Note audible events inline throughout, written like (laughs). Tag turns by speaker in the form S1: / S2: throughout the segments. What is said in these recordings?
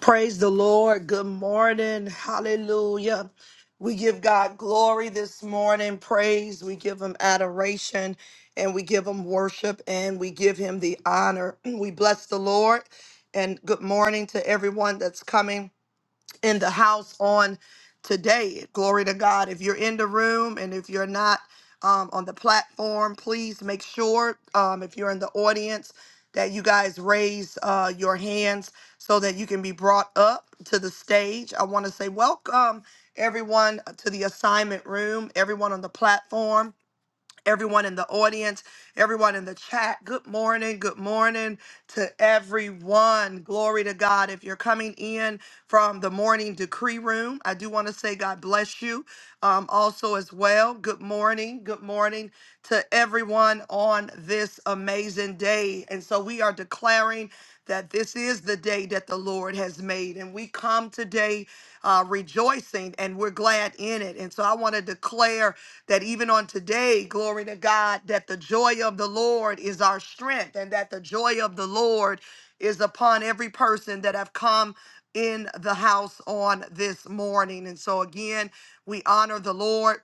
S1: Praise the Lord. Good morning. Hallelujah. We give God glory this morning, praise. We give him adoration and we give him worship and we give him the honor. (clears throat) We bless the Lord and good morning to everyone that's coming in the house on today. Glory to God. If you're in the room and if you're not um, on the platform, please make sure um, if you're in the audience that you guys raise uh, your hands so that you can be brought up to the stage. I want to say welcome everyone to the assignment room, everyone on the platform everyone in the audience, everyone in the chat. Good morning. Good morning to everyone. Glory to God. If you're coming in from the morning decree room, I do want to say God bless you. Um, also, as well, good morning. Good morning to everyone on this amazing day. And so we are declaring that this is the day that the Lord has made. And we come today uh, rejoicing and we're glad in it. And so I want to declare that even on today, glory to God, that the joy of the Lord is our strength and that the joy of the Lord is upon every person that have come in the house on this morning. And so again, we honor the Lord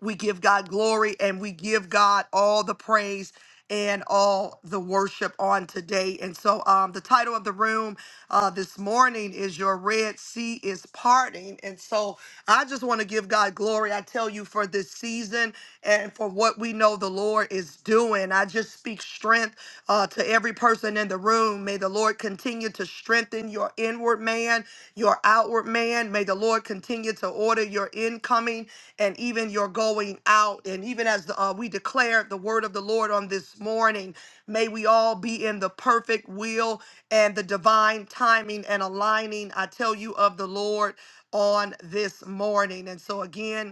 S1: we give God glory and we give God all the praise and all the worship on today. And so, um, the title of the room uh, this morning is Your Red Sea is Parting. And so, I just want to give God glory. I tell you, for this season and for what we know the Lord is doing. I just speak strength uh, to every person in the room. May the Lord continue to strengthen your inward man, your outward man. May the Lord continue to order your incoming and even your going out. And even as uh, we declare the word of the Lord on this morning, may we all be in the perfect will and the divine timing and aligning, I tell you, of the Lord on this morning. And so, again,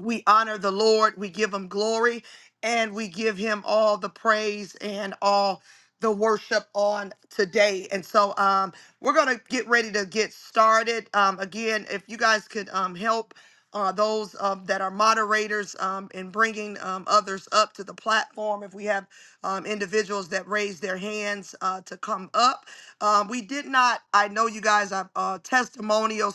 S1: we honor the Lord, we give him glory, and we give him all the praise and all the worship on today. And so um we're gonna get ready to get started. Um again, if you guys could um help uh, those um, that are moderators um, in bringing um, others up to the platform. If we have um, individuals that raise their hands uh, to come up, um, we did not. I know you guys have uh, testimonials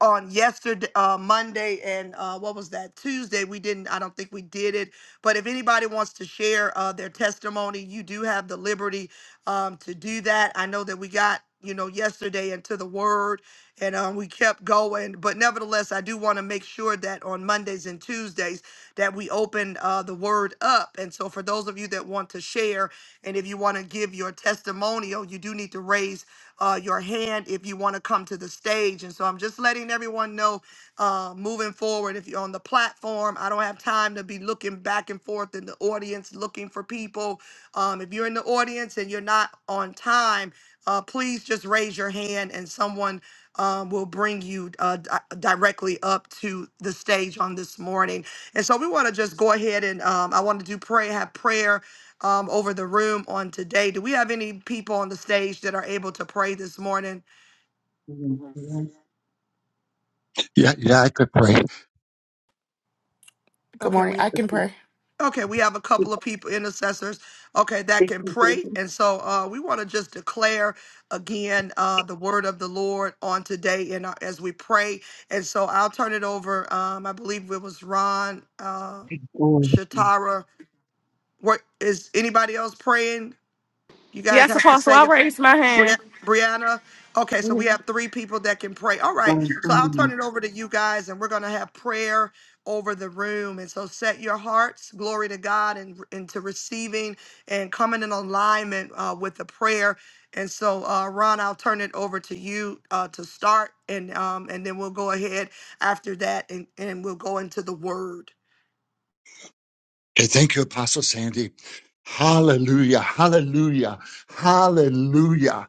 S1: on yesterday uh monday and uh what was that tuesday we didn't i don't think we did it but if anybody wants to share uh their testimony you do have the liberty um to do that i know that we got you know yesterday into the word and um, we kept going but nevertheless i do want to make sure that on mondays and tuesdays that we open uh, the word up and so for those of you that want to share and if you want to give your testimonial you do need to raise uh, your hand if you want to come to the stage. And so I'm just letting everyone know uh, moving forward, if you're on the platform, I don't have time to be looking back and forth in the audience looking for people. Um, if you're in the audience and you're not on time, uh, please just raise your hand and someone um, will bring you uh, di- directly up to the stage on this morning. And so we want to just go ahead and um, I want to do pray, have prayer um, over the room on today. Do we have any people on the stage that are able to pray this morning?
S2: Yeah.
S3: Good
S1: Okay,
S3: morning.
S1: we
S3: I can pray.
S1: okay, we have a couple of people intercessors. Okay, that can pray, and so uh, we want to just declare again uh, the word of the Lord on today, and uh, as we pray, and so I'll turn it over. Um, I believe it was Ron uh, Shatara. What is anybody else praying? You guys
S4: Yes,
S1: have to
S4: Apostle, I
S1: say.
S4: raised my
S1: Bri-
S4: hand.
S1: Brianna. Okay, so we have three people that can pray. All right, so I'll turn it over to you guys, and we're going to have prayer over the room. And so set your hearts, glory to God, and into receiving and coming in alignment uh, with the prayer. And so, uh, Ron, I'll turn it over to you uh, to start, and um, and then we'll go ahead after that, and, and we'll go into the Word.
S2: Okay, thank you, Apostle Sandy. Hallelujah, hallelujah, hallelujah,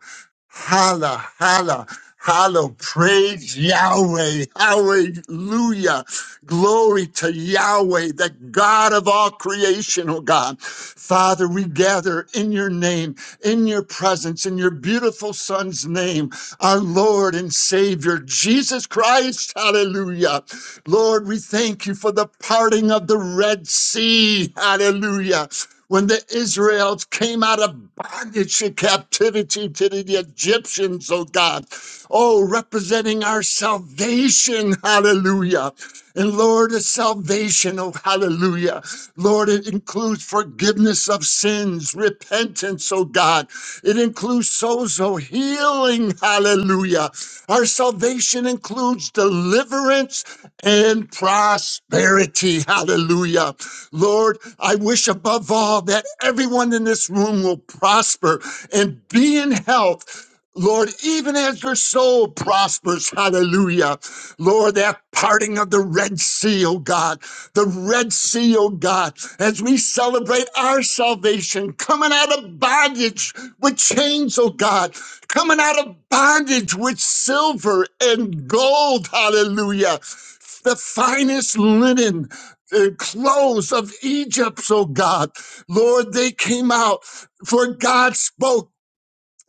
S2: holla, holla, holla, praise Yahweh, hallelujah, glory to Yahweh, the God of all creation, oh God. Father, we gather in your name, in your presence, in your beautiful son's name. our Lord and Savior, Jesus Christ. Hallelujah. Lord, we thank you for the parting of the Red Sea. Hallelujah. When the Israelites came out of bondage and captivity to the Egyptians, oh God, oh, representing our salvation, hallelujah. And Lord, a salvation, oh, hallelujah. Lord, it includes forgiveness of sins, repentance, oh God, it includes sozo healing. Hallelujah. Our salvation includes deliverance and prosperity. Hallelujah. Lord, I wish above all that everyone in this room will prosper and be in health. Lord, even as your soul prospers, hallelujah. Lord, that parting of the Red Sea, oh God, the Red Sea, oh God, as we celebrate our salvation, coming out of bondage with chains, oh God, coming out of bondage with silver and gold, hallelujah, the finest linen. The clothes of Egypt, oh God. Lord, they came out, for God spoke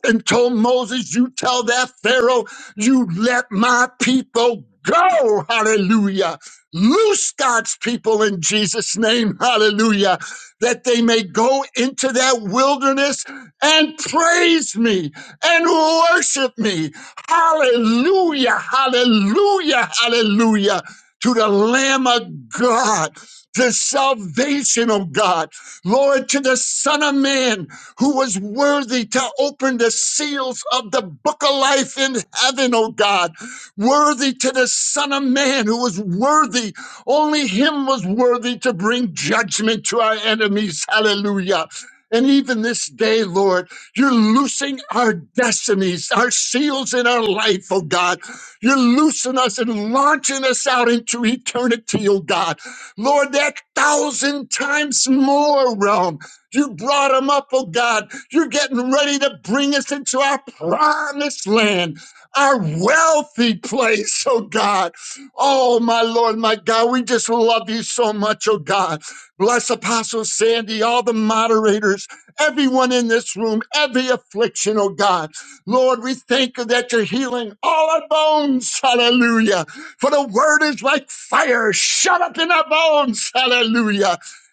S2: and told Moses, You tell that Pharaoh, you let my people go. Hallelujah. Loose God's people in Jesus' name. Hallelujah. That they may go into that wilderness and praise me and worship me. Hallelujah. Hallelujah. Hallelujah. To the Lamb of God, the salvation of God, Lord, to the Son of Man, who was worthy to open the seals of the book of life in heaven, oh God. Worthy to the Son of Man who was worthy. Only him was worthy to bring judgment to our enemies. Hallelujah. And even this day, Lord, you're loosing our destinies, our seals in our life, oh God. You're loosing us and launching us out into eternity, oh God. Lord, that thousand times more realm. You brought them up, oh God. You're getting ready to bring us into our promised land, our wealthy place, oh God. Oh, my Lord, my God, we just love you so much, oh God. Bless Apostle Sandy, all the moderators, everyone in this room, every affliction, oh God. Lord, we thank you that you're healing all our bones, hallelujah. For the word is like fire shut up in our bones, hallelujah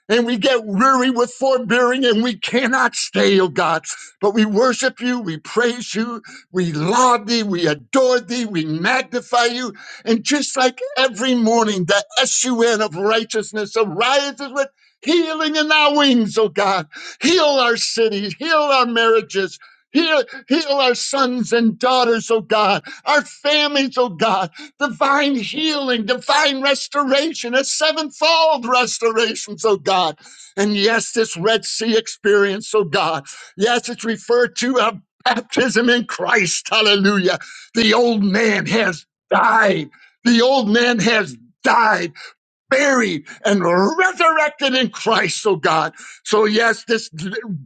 S2: and we get weary with forbearing and we cannot stay, O God. But we worship you, we praise you, we laud thee, we adore thee, we magnify you. And just like every morning, the SUN of righteousness arises with healing in our wings, O God. Heal our cities, heal our marriages. Heal, heal our sons and daughters, O God, our families, O God divine healing, divine restoration, a sevenfold restoration, so God. And yes, this Red Sea experience, so God. Yes, it's referred to a baptism in Christ. Hallelujah. The old man has died. The old man has died buried and resurrected in Christ, oh God. So yes, this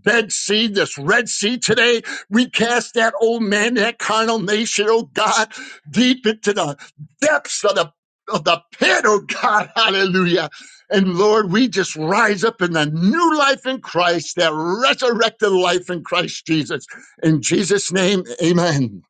S2: Red Sea, this Red Sea today, we cast that old man, that carnal nation, oh God, deep into the depths of the of the pit, oh God, (laughs) hallelujah. And Lord, we just rise up in the new life in Christ, that resurrected life in Christ Jesus. In Jesus' name, amen.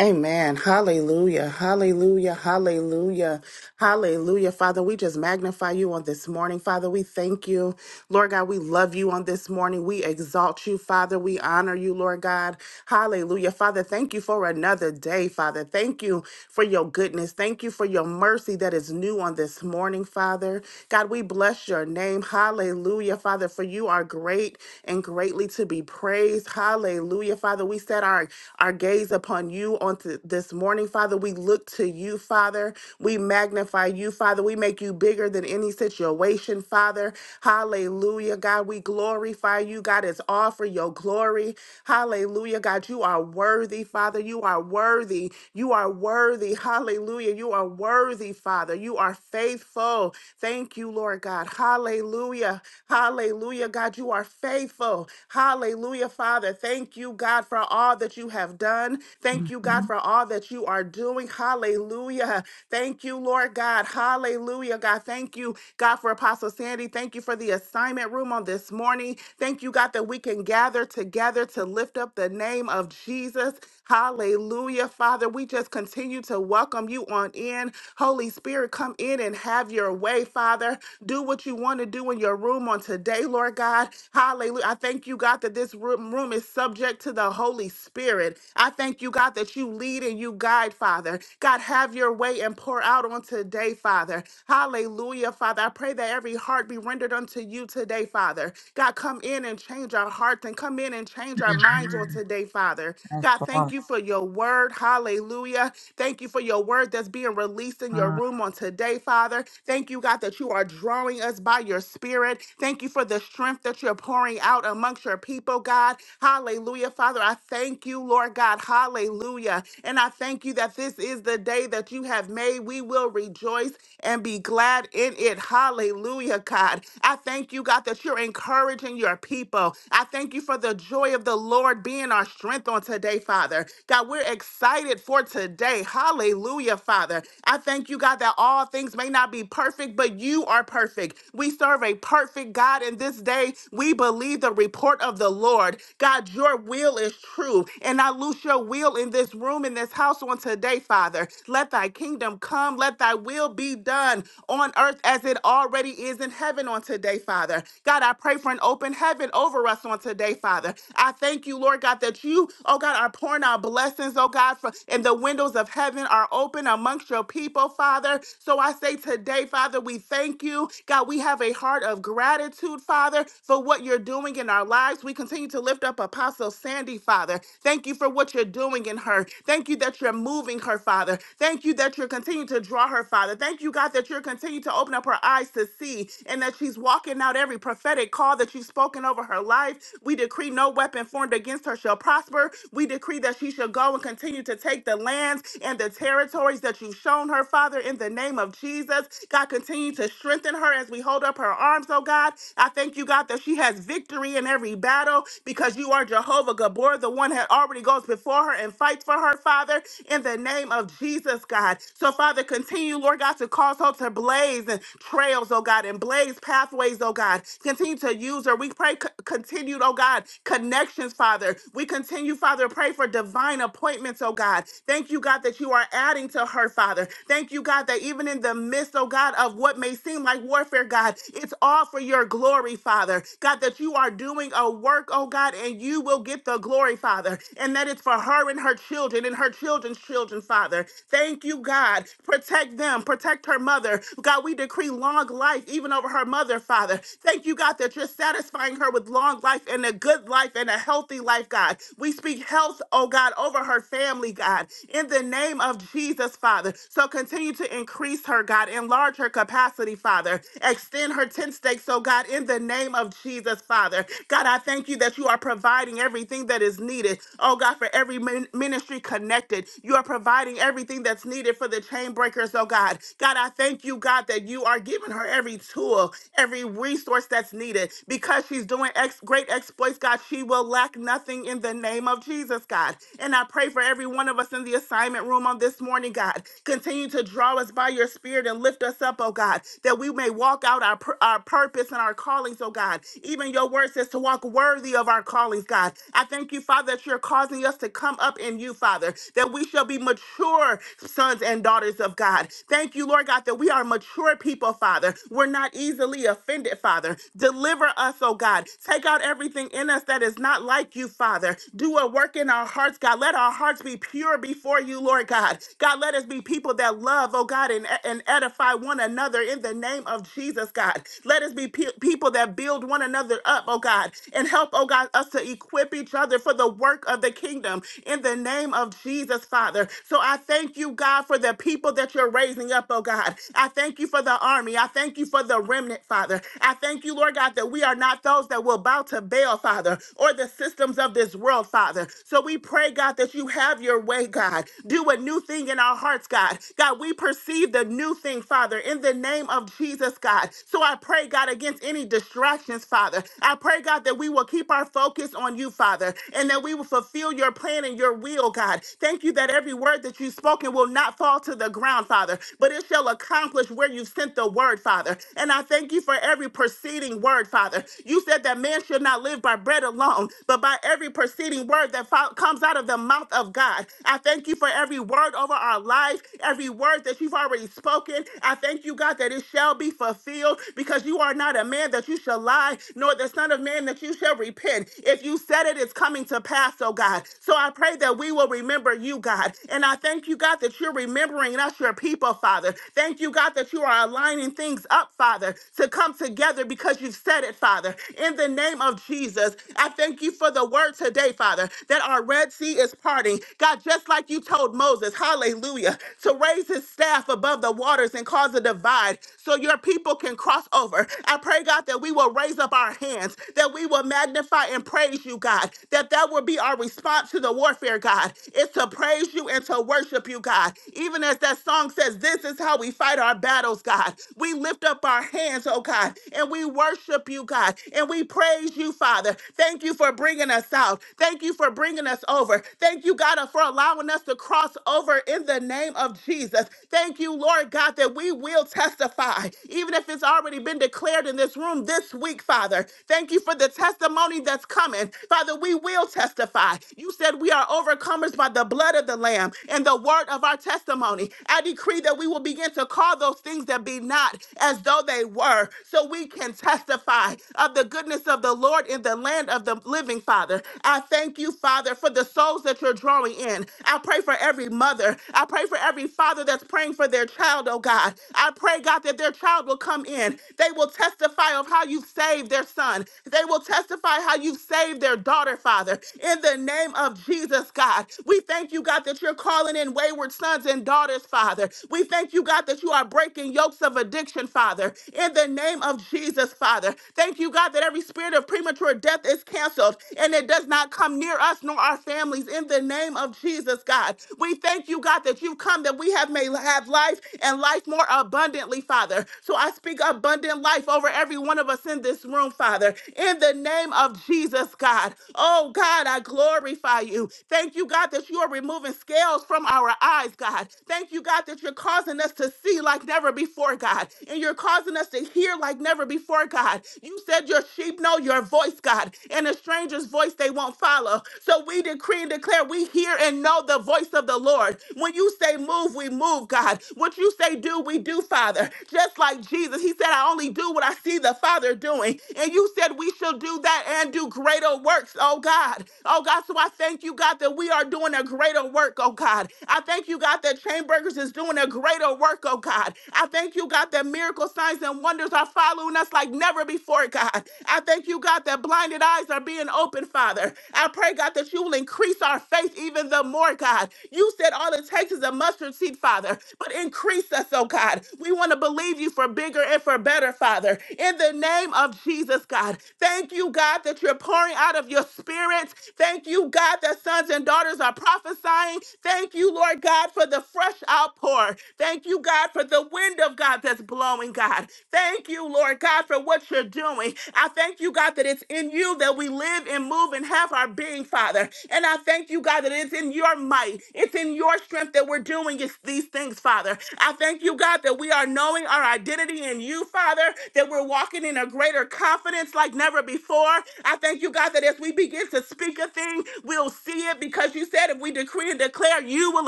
S3: Amen. Hallelujah. Hallelujah. Hallelujah. Hallelujah. Father, we just magnify you on this morning. Father, we thank you. Lord God, we love you on this morning. We exalt you, Father. We honor you, Lord God. Hallelujah. Father, thank you for another day, Father. Thank you for your goodness. Thank you for your mercy that is new on this morning, Father. God, we bless your name. Hallelujah, Father, for you are great and greatly to be praised. Hallelujah, Father. We set our, our gaze upon you on th- this morning, Father. We look to you, Father. We magnify you, Father. We make you bigger than any situation, Father. Hallelujah, God. We glorify you, God. It's all for your glory. Hallelujah, God. You are worthy, Father. You are worthy. You are worthy. Hallelujah. You are worthy, Father. You are faithful. Thank you, Lord God. Hallelujah. Hallelujah, God. You are faithful. Hallelujah, Father. Thank you, God, for all that you have have done. Thank you,
S5: Mm-hmm.
S3: God, for all that you are doing. Hallelujah. Thank you, Lord God. Hallelujah, God. Thank you, God, for Apostle Sandy. Thank you for the assignment room on this morning. Thank you, God, that we can gather together to lift up the name of Jesus. Hallelujah, Father. We just continue to welcome you on in. Holy Spirit, come in and have your way, Father. Do what you want to do in your room on today, Lord God. Hallelujah. I thank you, God, that this room, room is subject to the Holy Holy Spirit. I thank you, God, that you lead and you guide, Father. God, have your way and pour out on today, Father. Hallelujah, Father. I pray that every heart be rendered unto you today, Father. God, come in and change our hearts and come in and change our minds on today, Father.
S5: I
S3: God,
S5: saw
S3: thank you for your word. Hallelujah. Thank you for your word that's being released in
S5: him.
S3: your room on today, Father. Thank you, God, that you are drawing us by your spirit. Thank you for the strength that you're pouring out amongst your people, God. Hallelujah. Father, I thank you, Lord God. Hallelujah. And I thank you that this is the day that you have made. We will rejoice and be glad in it. Hallelujah, God. I thank you, God, that you're encouraging your people. I thank you for the joy of the Lord being our strength on today, Father. God, we're excited for today. Hallelujah, Father. I thank you, God, that all things may not be perfect, but you are perfect. We serve a perfect God, and this day we believe the report of the Lord. God, God, your will is true. And I loose your will in this room, in this house on today, Father. Let thy kingdom come. Let thy will be done on earth as it already is in heaven on today, Father. God, I pray for an open heaven over us on today, Father. I thank you, Lord God, that you, oh God, are pouring out blessings, oh God, for, and the windows of heaven are open amongst your people, Father. So I say today, Father, we thank you. God, we have a heart of gratitude, Father, for what you're doing in our lives. We continue to continue to lift up Apostle Sandy, Father. Thank you for what you're doing in her. Thank you that you're moving her, Father. Thank you that you're continuing to draw her, Father. Thank you, God, that you're continuing to open up her eyes to see and that she's walking out every prophetic call that you've spoken over her life. We decree no weapon formed against her shall prosper. We decree that she shall go and continue to take the lands and the territories that you've shown her, Father, in the name of Jesus. God, continue to strengthen her as we hold up her arms, oh God. I thank you, God, that she has victory in every mighty battle because you are Jehovah Gabor, the one that already goes before her and fights for her, Father, in the name of Jesus, God. So, Father, continue, Lord God, to cause her to blaze and trails, oh God, and blaze pathways, oh God. Continue to use her. We pray c- continued, oh God, connections, Father. We continue, Father, pray for divine appointments, oh God. Thank you, God, that you are adding to her, Father. Thank you, God, that even in the midst, oh God, of what may seem like warfare, God, it's all for your glory, Father. God, that you are you are doing a work, oh God, and you will get the glory, Father. And that it's for her and her children and her children's children, Father. Thank you, God. Protect them, protect her mother. God, we decree long life even over her mother, Father. Thank you, God, that you're satisfying her with long life and a good life and a healthy life, God. We speak health, oh God, over her family, God, in the name of Jesus, Father. So continue to increase her, God, enlarge her capacity, Father. Extend her tent stakes, oh God, in the name of Jesus, Father. God, I thank you that you are providing everything that is needed. Oh, God, for every min- ministry connected, you are providing everything that's needed for the chain breakers, oh, God. God, I thank you, God, that you are giving her every tool, every resource that's needed because she's doing ex- great exploits, God. She will lack nothing in the name of Jesus, God. And I pray for every one of us in the assignment room on this morning, God. Continue to draw us by your spirit and lift us up, oh God, that we may walk out our, pur- our purpose and our calling callings, oh God. Even your word says to walk worthy of our callings, God. I thank you, Father, that you're causing us to come up in you, Father, that we shall be mature sons and daughters of God. Thank you, Lord God, that we are mature people, Father. We're not easily offended, Father. Deliver us, oh God. Take out everything in us that is not like you, Father. Do a work in our hearts, God. Let our hearts be pure before you, Lord God. God, let us be people that love, oh God, and, and edify one another in the name of Jesus, God. Let us be pe- people that build one another up, oh God, and help, oh God, us to equip each other for the work of the kingdom in the name of Jesus, Father. So I thank you, God, for the people that you're raising up, oh God. I thank you for the army. I thank you for the remnant, Father. I thank you, Lord God, that we are not those that will bow to Baal, Father, or the systems of this world, Father. So we pray, God, that you have your way, God. Do a new thing in our hearts, God. God, we perceive the new thing, Father, in the name of Jesus, God. So I I pray, God, against any distractions, Father. I pray, God, that we will keep our focus on you, Father, and that we will fulfill your plan and your will, God. Thank you that every word that you've spoken will not fall to the ground, Father, but it shall accomplish where you have sent the word, Father. And I thank you for every preceding word, Father. You said that man should not live by bread alone, but by every preceding word that fo- comes out of the mouth of God. I thank you for every word over our life, every word that you've already spoken. I thank you, God, that it shall be fulfilled fulfilled because you are not a man that you shall lie, nor the son of man that you shall repent. If you said it, it's coming to pass, oh God. So I pray that we will remember you, God. And I thank you, God, that you're remembering us, your people, Father. Thank you, God, that you are aligning things up, Father, to come together because you've said it, Father. In the name of Jesus, I thank you for the word today, Father, that our Red Sea is parting. God, just like you told Moses, hallelujah, to raise his staff above the waters and cause a divide. So so your people can cross over. I pray, God, that we will raise up our hands, that we will magnify and praise you, God, that that will be our response to the warfare, God, is to praise you and to worship you, God. Even as that song says, this is how we fight our battles, God. We lift up our hands, oh God, and we worship you, God, and we praise you, Father. Thank you for bringing us out. Thank you for bringing us over. Thank you, God, for allowing us to cross over in the name of Jesus. Thank you, Lord God, that we will tell testify, even if it's already been declared in this room this week, Father. Thank you for the testimony that's coming. Father, we will testify. You said we are overcomers by the blood of the Lamb and the word of our testimony. I decree that we will begin to call those things that be not as though they were, so we can testify of the goodness of the Lord in the land of the living, Father. I thank you, Father, for the souls that you're drawing in. I pray for every mother. I pray for every father that's praying for their child, oh God. God. I pray, God, that their child will come in. They will testify of how you've saved their son. They will testify how you've saved their daughter, Father. In the name of Jesus, God, we thank you, God, that you're calling in wayward sons and daughters, Father. We thank you, God, that you are breaking yokes of addiction, Father. In the name of Jesus, Father. Thank you, God, that every spirit of premature death is canceled and it does not come near us nor our families. In the name of Jesus, God, we thank you, God, that you've come that we have may have life and life more abundantly, Father. So I speak abundant life over every one of us in this room, Father, in the name of Jesus, God. Oh, God, I glorify you. Thank you, God, that you are removing scales from our eyes, God. Thank you, God, that you're causing us to see like never before, God, and you're causing us to hear like never before, God. You said your sheep know your voice, God, and a stranger's voice they won't follow. So we decree and declare we hear and know the voice of the Lord. When you say move, we move, God. God. What you say do, we do, Father. Just like Jesus, he said, I only do what I see the Father doing. And you said we shall do that and do greater works, oh God. Oh God, so I thank you, God, that we are doing a greater work, oh God. I thank you, God, that Chainburgers is doing a greater work, oh God. I thank you, God, that miracle signs and wonders are following us like never before, God. I thank you, God, that blinded eyes are being opened, Father. I pray, God, that you will increase our faith even the more, God. You said all it takes is a mustard seed seed, Father, but increase us, oh God. We want to believe you for bigger and for better, Father, in the name of Jesus, God. Thank you, God, that you're pouring out of your spirit. Thank you, God, that sons and daughters are prophesying. Thank you, Lord God, for the fresh outpour. Thank you, God, for the wind of God that's blowing, God. Thank you, Lord God, for what you're doing. I thank you, God, that it's in you that we live and move and have our being, Father. And I thank you, God, that it's in your might, it's in your strength that we're that we're doing is these things, Father. I thank you, God, that we are knowing our identity in you, Father, that we're walking in a greater confidence like never before. I thank you, God, that as we begin to speak a thing, we'll see it because you said if we decree and declare, you will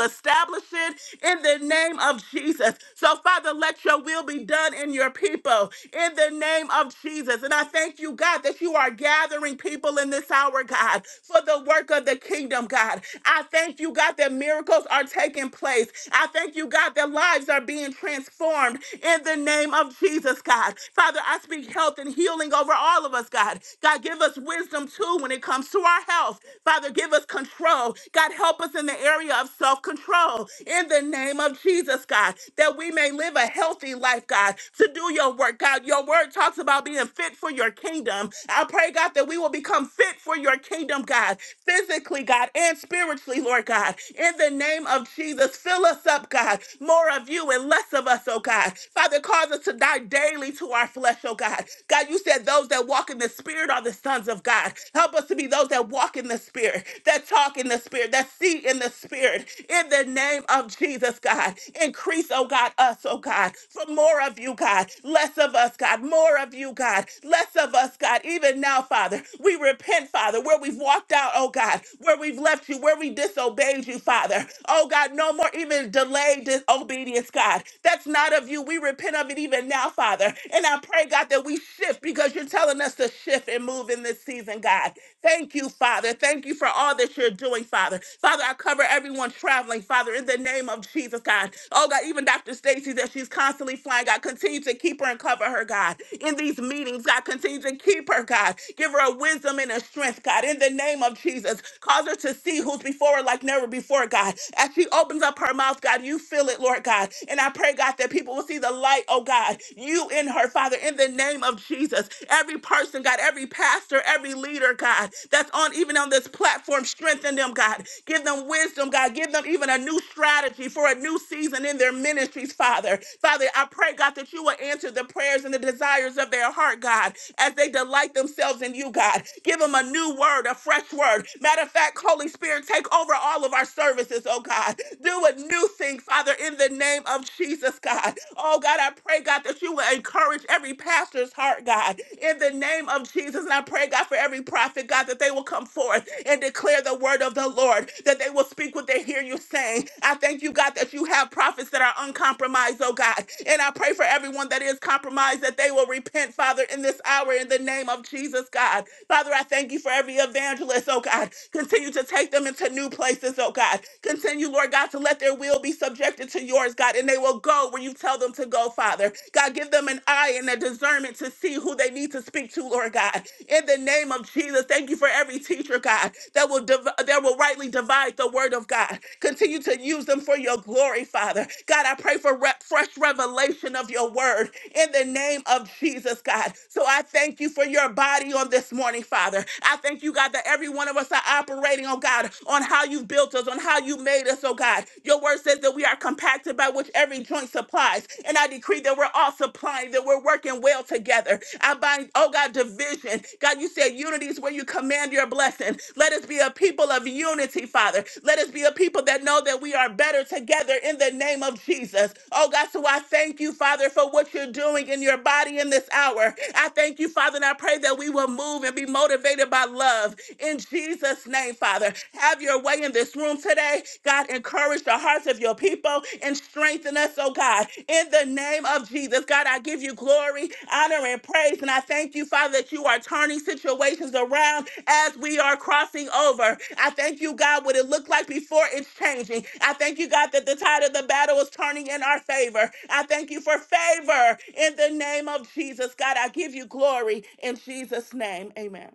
S3: establish it in the name of Jesus. So, Father, let your will be done in your people in the name of Jesus. And I thank you, God, that you are gathering people in this hour, God, for the work of the kingdom, God. I thank you, God, that miracles miracles are taking place. I thank you, God, that lives are being transformed in the name of Jesus, God. Father, I speak health and healing over all of us, God. God, give us wisdom too when it comes to our health. Father, give us control. God, help us in the area of self control in the name of Jesus, God, that we may live a healthy life, God, to do your work, God. Your word talks about being fit for your kingdom. I pray, God, that we will become fit for your kingdom, God, physically, God, and spiritually, Lord God in the name of Jesus. Fill us up, God. More of you and less of us, oh God. Father, cause us to die daily to our flesh, oh God. God, you said those that walk in the Spirit are the sons of God. Help us to be those that walk in the Spirit, that talk in the Spirit, that see in the Spirit. In the name of Jesus, God. Increase, oh God, us, oh God, for more of you, God. Less of us, God. More of you, God. Less of us, God. Even now, Father, we repent, Father, where we've walked out, oh God, where we've left you, where we disobeyed disobeyed you, Father. Oh God, no more even delayed disobedience, God. That's not of you. We repent of it even now, Father. And I pray, God, that we shift because you're telling us to shift and move in this season, God. Thank you, Father. Thank you for all that you're doing, Father. Father, I cover everyone traveling, Father, in the name of Jesus, God. Oh, God, even Dr. Stacy, that she's constantly flying, God, continue to keep her and cover her, God. In these meetings, God, continue to keep her, God. Give her a wisdom and a strength, God, in the name of Jesus. Cause her to see who's before her like never before, God. As she opens up her mouth, God, you fill it, Lord God. And I pray, God, that people will see the light, oh God, you in her, Father, in the name of Jesus. Every person, God, every pastor, every leader, God, that's on even on this platform, strengthen them, God. Give them wisdom, God. Give them even a new strategy for a new season in their ministries, Father. Father, I pray, God, that you will answer the prayers and the desires of their heart, God, as they delight themselves in you, God. Give them a new word, a fresh word. Matter of fact, back, Holy Spirit. Take over all of our services, oh God. Do a new thing, Father, in the name of Jesus, God. Oh God, I pray, God, that you will encourage every pastor's heart, God, in the name of Jesus. And I pray, God, for every prophet, God, that they will come forth and declare the word of the Lord, that they will speak what they hear you saying. I thank you, God, that you have prophets that are uncompromised, oh God. And I pray for everyone that is compromised that they will repent, Father, in this hour in the name of Jesus, God. Father, I thank you for every evangelist, oh God. God. Continue to take them into new places, oh God. Continue, Lord God, to let their will be subjected to yours, God, and they will go where you tell them to go, Father. God, give them an eye and a discernment to see who they need to speak to, Lord God. In the name of Jesus, thank you for every teacher, God, that will div- that will rightly divide the word of God. Continue to use them for your glory, Father. God, I pray for re- fresh revelation of your word in the name of Jesus, God. So I thank you for your body on this morning, Father. I thank you, God, that that every one of us are operating, oh God, on how you've built us, on how you made us, oh God. Your word says that we are compacted by which every joint supplies. And I decree that we're all supplying, that we're working well together. I bind, oh God, division. God, you said unity is where you command your blessing. Let us be a people of unity, Father. Let us be a people that know that we are better together in the name of Jesus. Oh God, so I thank you, Father, for what you're doing in your body in this hour. I thank you, Father, and I pray that we will move and be motivated by I love. In Jesus' name, Father, have your way in this room today. God, encourage the hearts of your people and strengthen us, oh God. In the name of Jesus, God, I give you glory, honor, and praise. And I thank you, Father, that you are turning situations around as we are crossing over. I thank you, God, what it looked like before it's changing. I thank you, God, that the tide of the battle is turning in our favor. I thank you for favor in the name of Jesus. God, I give you glory in Jesus' name. Amen.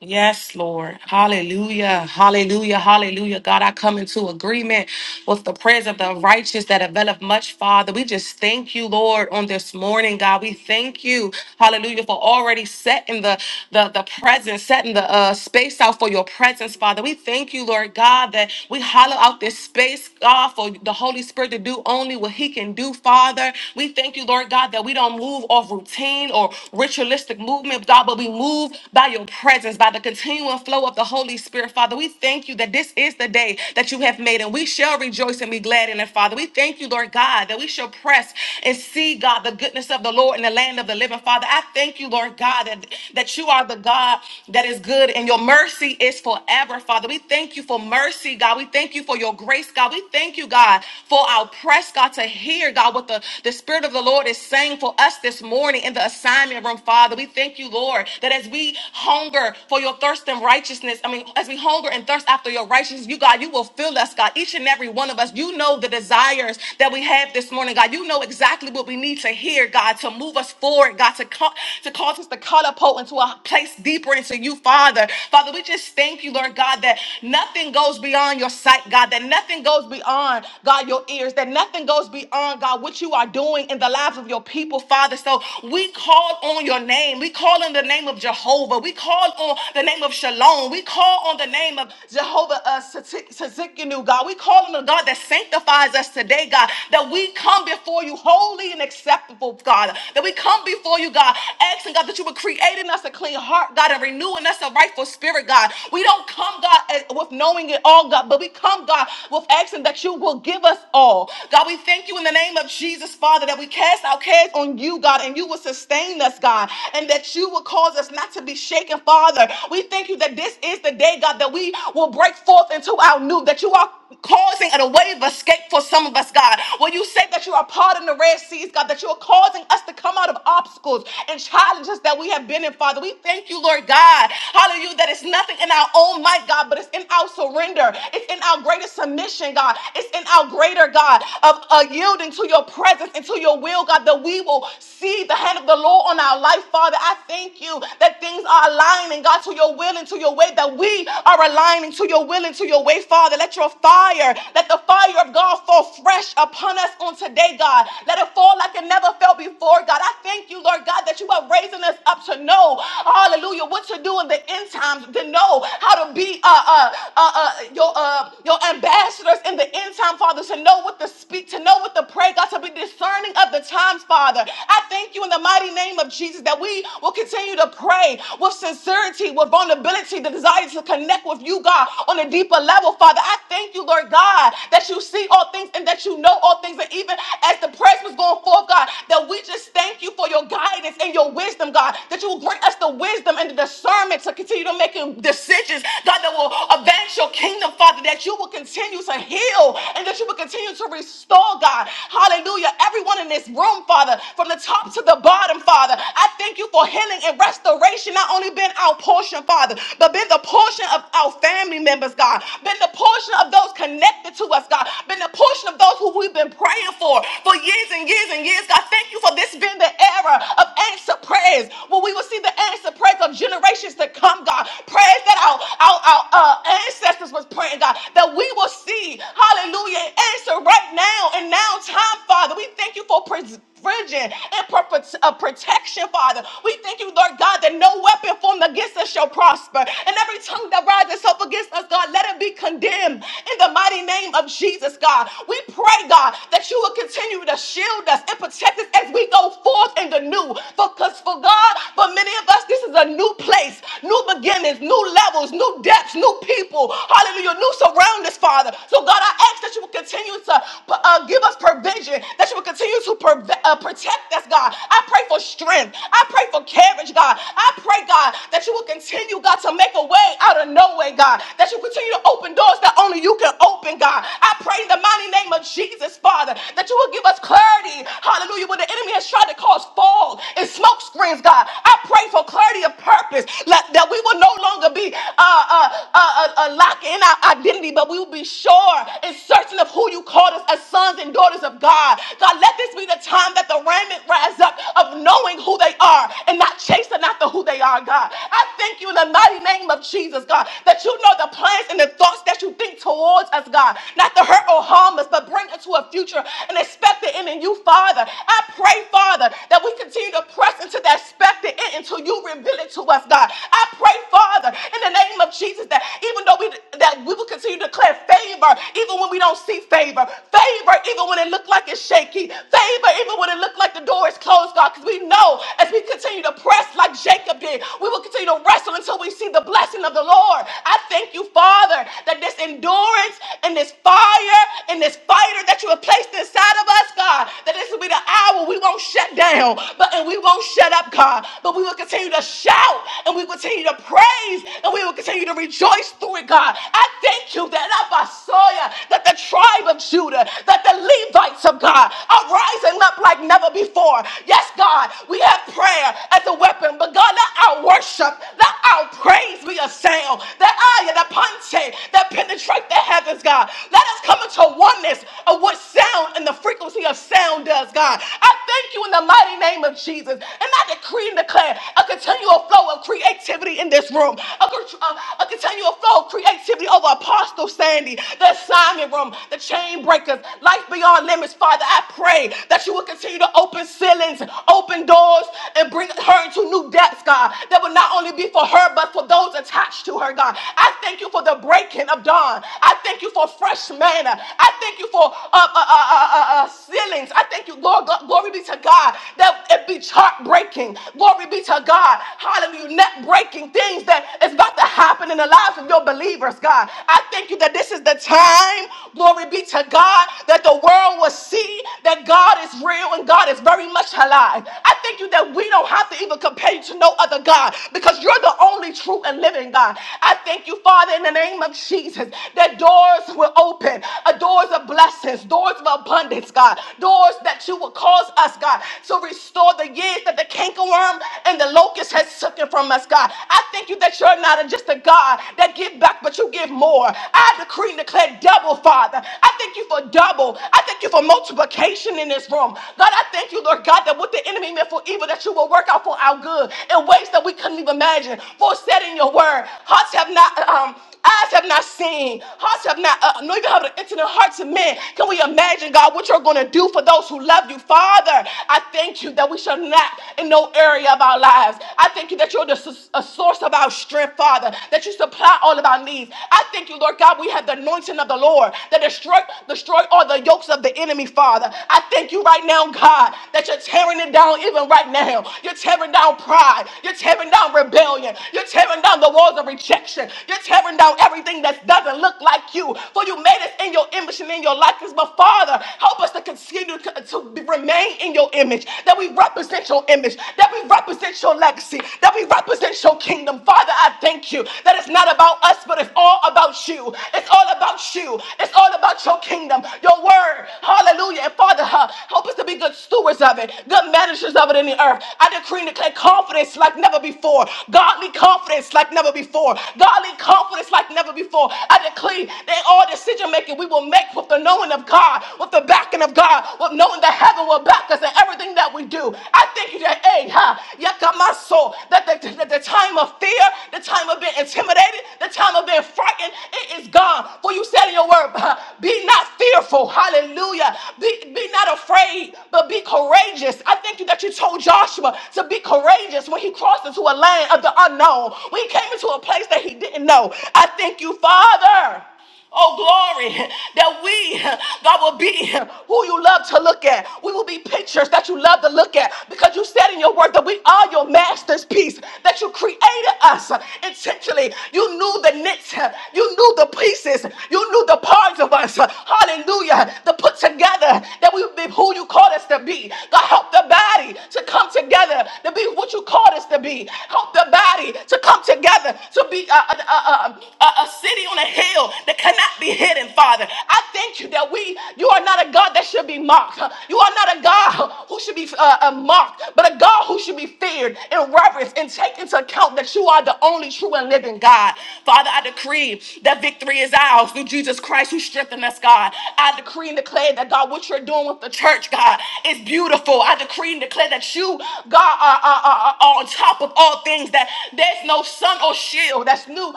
S4: Yes, Lord. Hallelujah. Hallelujah. Hallelujah. God, I come into agreement with the prayers of the righteous that availeth much, Father. We just thank you, Lord, on this morning, God. We thank you, hallelujah, for already setting the the, the presence, setting the uh, space out for your presence, Father. We thank you, Lord God, that we hollow out this space, God, for the Holy Spirit to do only what He can do, Father. We thank you, Lord God, that we don't move off routine or ritualistic movement, God, but we move by your presence presence by the continual flow of the Holy Spirit. Father, we thank you that this is the day that you have made, and we shall rejoice and be glad in it, Father. We thank you, Lord God, that we shall press and see, God, the goodness of the Lord in the land of the living. Father, I thank you, Lord God, that, that you are the God that is good and your mercy is forever, Father. We thank you for mercy, God. We thank you for your grace, God. We thank you, God, for our press, God, to hear, God, what the, the Spirit of the Lord is saying for us this morning in the assignment room, Father. We thank you, Lord, that as we hunger for your thirst and righteousness. I mean, as we hunger and thirst after your righteousness, you, God, you will fill us, God. Each and every one of us, you know the desires that we have this morning, God. You know exactly what we need to hear, God, to move us forward, God, to, co- to cause us to catapult into a place deeper into you, Father. Father, we just thank you, Lord God, that nothing goes beyond your sight, God, that nothing goes beyond, God, your ears, that nothing goes beyond, God, what you are doing in the lives of your people, Father. So we call on your name. We call on the name of Jehovah. We call on the name of Shalom. We call on the name of Jehovah uh, Tzidkenu, God. We call on the God that sanctifies us today, God. That we come before you holy and acceptable, God. That we come before you, God, asking God that you would create in us a clean heart, God, and renewing us a rightful spirit, God. We don't come, God, as- with knowing it all, God, but we come, God, with asking that you will give us all. God, we thank you in the name of Jesus, Father, that we cast our cares on you, God, and you will sustain us, God, and that you will cause us not to be shaken, Father. Father. We thank you that this is the day, God, that we will break forth into our new, that you are causing a way of escape for some of us, God. When you say that you are parting the Red Seas, God, that you are causing us to come out of obstacles and challenges that we have been in, Father. We thank you, Lord God. Hallelujah, that it's nothing in our own might, God, but it's in our surrender. It's in our greater submission, God. It's in our greater, God, of uh, yielding to your presence and to your will, God, that we will see the hand of the Lord on our life, Father. I thank you that things are aligning alignment, God, to your will and to your way, that we are aligning to your will and to your way, Father. Let your fire, let the fire of God fall fresh upon us on today, God. Let it fall like it never fell before, God. I thank you, Lord God, that you are raising us up to know, hallelujah, what to do in the end times, to know how to be uh, uh, uh, uh, your, uh, your ambassadors in the end time, Father, to know what to speak, to know what to pray, God, to be discerning of the times, Father. I thank you in the mighty name of Jesus that we will continue to pray with sincerity sincerity, with vulnerability, the desire to connect with you, God, on a deeper level, Father. I thank you, Lord God, that you see all things and that you know all things. And even as the prayers was going forth, God, that we just thank you for your guidance and your wisdom, God, that you will grant us the wisdom and the discernment to continue to make decisions, God, that will advance your kingdom, Father, that you will continue to heal and that you will continue to restore, God. Hallelujah. Everyone in this room, Father, from the top to the bottom, Father, I thank you for healing and restoration, not only being been our portion, Father, but been the portion of our family members, God, been the portion of those connected to us, God, been the portion of those who we've been praying for for years and years and years, God. Thank you for this being the era of answered prayers, where we will see the answered prayers of generations to come, God. Prayers that our, our, our uh, ancestors was praying, God, that we will see, hallelujah, answer right now and now time, Father. We thank you for preserving provision and per- uh, protection, Father. We thank you, Lord God, that no weapon formed against us shall prosper. And every tongue that rises up against us, God, let it be condemned in the mighty name of Jesus, God. We pray, God, that you will continue to shield us and protect us as we go forth in the new. Because for God, for many of us, this is a new place, new beginnings, new levels, new depths, new people. Hallelujah, new surroundings, Father. So, God, I ask that you will continue to uh, give us provision vision that you will continue to per- uh, protect us, God. I pray for strength. I pray for courage, God. I pray, God, that you will continue, God, to make a way out of no way, God. That you continue to open doors that only you can open, God. I pray in the mighty name of Jesus, Father, that you will give us clarity. Hallelujah. When the enemy has tried to cause fall and smoke screens, God, I pray for clarity of purpose let- that we will no longer be uh, uh, uh, uh, uh, locked in our identity, but we will be sure and certain of who you call daughters, as sons and daughters of God. God, let this be the time that the remnant rise up of knowing who they are and not chasing after who they are, God. I thank you in the mighty name of Jesus, God, that you know the plans and the thoughts that you think towards us, God, not to hurt or harm us, but bring us to a future and expect the end in you, Father. I pray, Father, that we continue to press into that expected end until you reveal it to us, God. I pray, Father, in the name of Jesus, that even though we that we will continue to declare favor even when we don't see favor. Favor, even when it looks like it's shaky. Favor, even when it looks like the door is closed, God, because we know as we continue to press like Jacob did, we will continue to wrestle until we see the blessing of the Lord. I thank you, Father, that this endurance and this fire and this fighter that you have placed inside of us, God, that this will be the hour we won't shut down, but and we won't shut up, God, but we will continue to shout and we will continue to praise and we will continue to rejoice through it, God. I thank you that Abasoya, that the tribe of Judah, that the Levites of God are rising up like never before. Yes, God, we have prayer as a weapon, but God, let our worship, let our praise be a sound. That I, the ponte, that penetrate the heavens, God. Let us come into oneness of what sound and the frequency of sound does, God. I thank you in the mighty name of Jesus. And I decree and declare a continual flow of creativity in this room, a, a, a a continual flow of creativity over Apostle Sandy, the assignment room, the chain breakers, life beyond limits. Father, I pray that you will continue to open ceilings, open doors, and bring her into new depths, God, that will not only be for her, but for those attached to her, God. I thank you for the breaking of dawn. I thank you for fresh manna. I thank you for uh, uh, uh, uh, uh, uh, ceilings. I thank you, Lord, God, glory be to God, that it be chart breaking. Glory be to God. Hallelujah. Net breaking things that is about to happen in the lives of your believers, God. I thank you that this is the time, glory be to God, that the world will see that God is real and God is very much alive. I thank you that we don't have to even compare you to no other God because you're the only true and living God. I thank you, Father, in the name of Jesus, that doors will open, uh, doors of blessings, doors of abundance, God, doors that you will cause us, God, to restore the years that the cankerworm and the locust has has taken from us, God. I thank you that you're not just a God that give back, but you give more. I decree and declare double, Father. I thank you for double. I thank you for multiplication in this room. God, I thank you, Lord God, that what the enemy meant for evil, that you will work out for our good in ways that we couldn't even imagine. For it said in your word, hearts have not um eyes have not seen, hearts have not uh, nor even have the into hearts of men. Can we imagine, God, what you're going to do for those who love you, Father? I thank you that we shall not no area of our lives. I thank you that you're the s- a source of our strength, Father, that you supply all of our needs. I thank you, Lord God, we have the anointing of the Lord that destroy, destroy all the yokes of the enemy, Father. I thank you right now, God, that you're tearing it down even right now. You're tearing down pride. You're tearing down rebellion. You're tearing down the walls of rejection. You're tearing down everything that doesn't look like you. For you made us in your image and in your likeness. But Father, help us to continue to, to remain in your image image, that we represent your image, that we represent your legacy, that we represent your kingdom. Father, I thank you that it's not about us, but it's all about you. It's all about you. It's all about your kingdom, your word. Hallelujah. And Father, huh, help us to be good stewards of it, good managers of it in the earth. I decree and declare confidence like never before, godly confidence like never before, godly confidence like never before. I decree that all decision making we will make with the knowing of God, with the backing of God, with knowing the heaven will back us in everything that we do. I thank you that, hey, ha, yakamaso, that the, that the time of fear, the time of being intimidated, the time of being frightened, it is gone. For you said in your word, ha, be not fearful. Hallelujah. Be, be not afraid, but be courageous. I thank you that you told Joshua to be courageous when he crossed into a land of the unknown, when he came into a place that he didn't know. I thank you, Father. Oh, glory that we, God, will be who you love to look at. We will be pictures that you love to look at because you said in your word that we are your master's piece, that you created us intentionally. You knew the knits, you knew the pieces, you knew the parts of us. Hallelujah. To put together that we would be who you called us to be. God, help the body to come together to be what you called us to be. Help the body to come together to be a, a, a, a, a city on a hill that cannot be hidden, Father. I thank you that we, you are not a God that should be mocked. You are not a God who should be uh, uh, mocked, but a God who should be feared and reverenced and take into account that you are the only true and living God. Father, I decree that victory is ours through Jesus Christ who strengthened us, God. I decree and declare that, God, what you're doing with the church, God, is beautiful. I decree and declare that you, God, are, are, are, are on top of all things, that there's no sun or shield that's new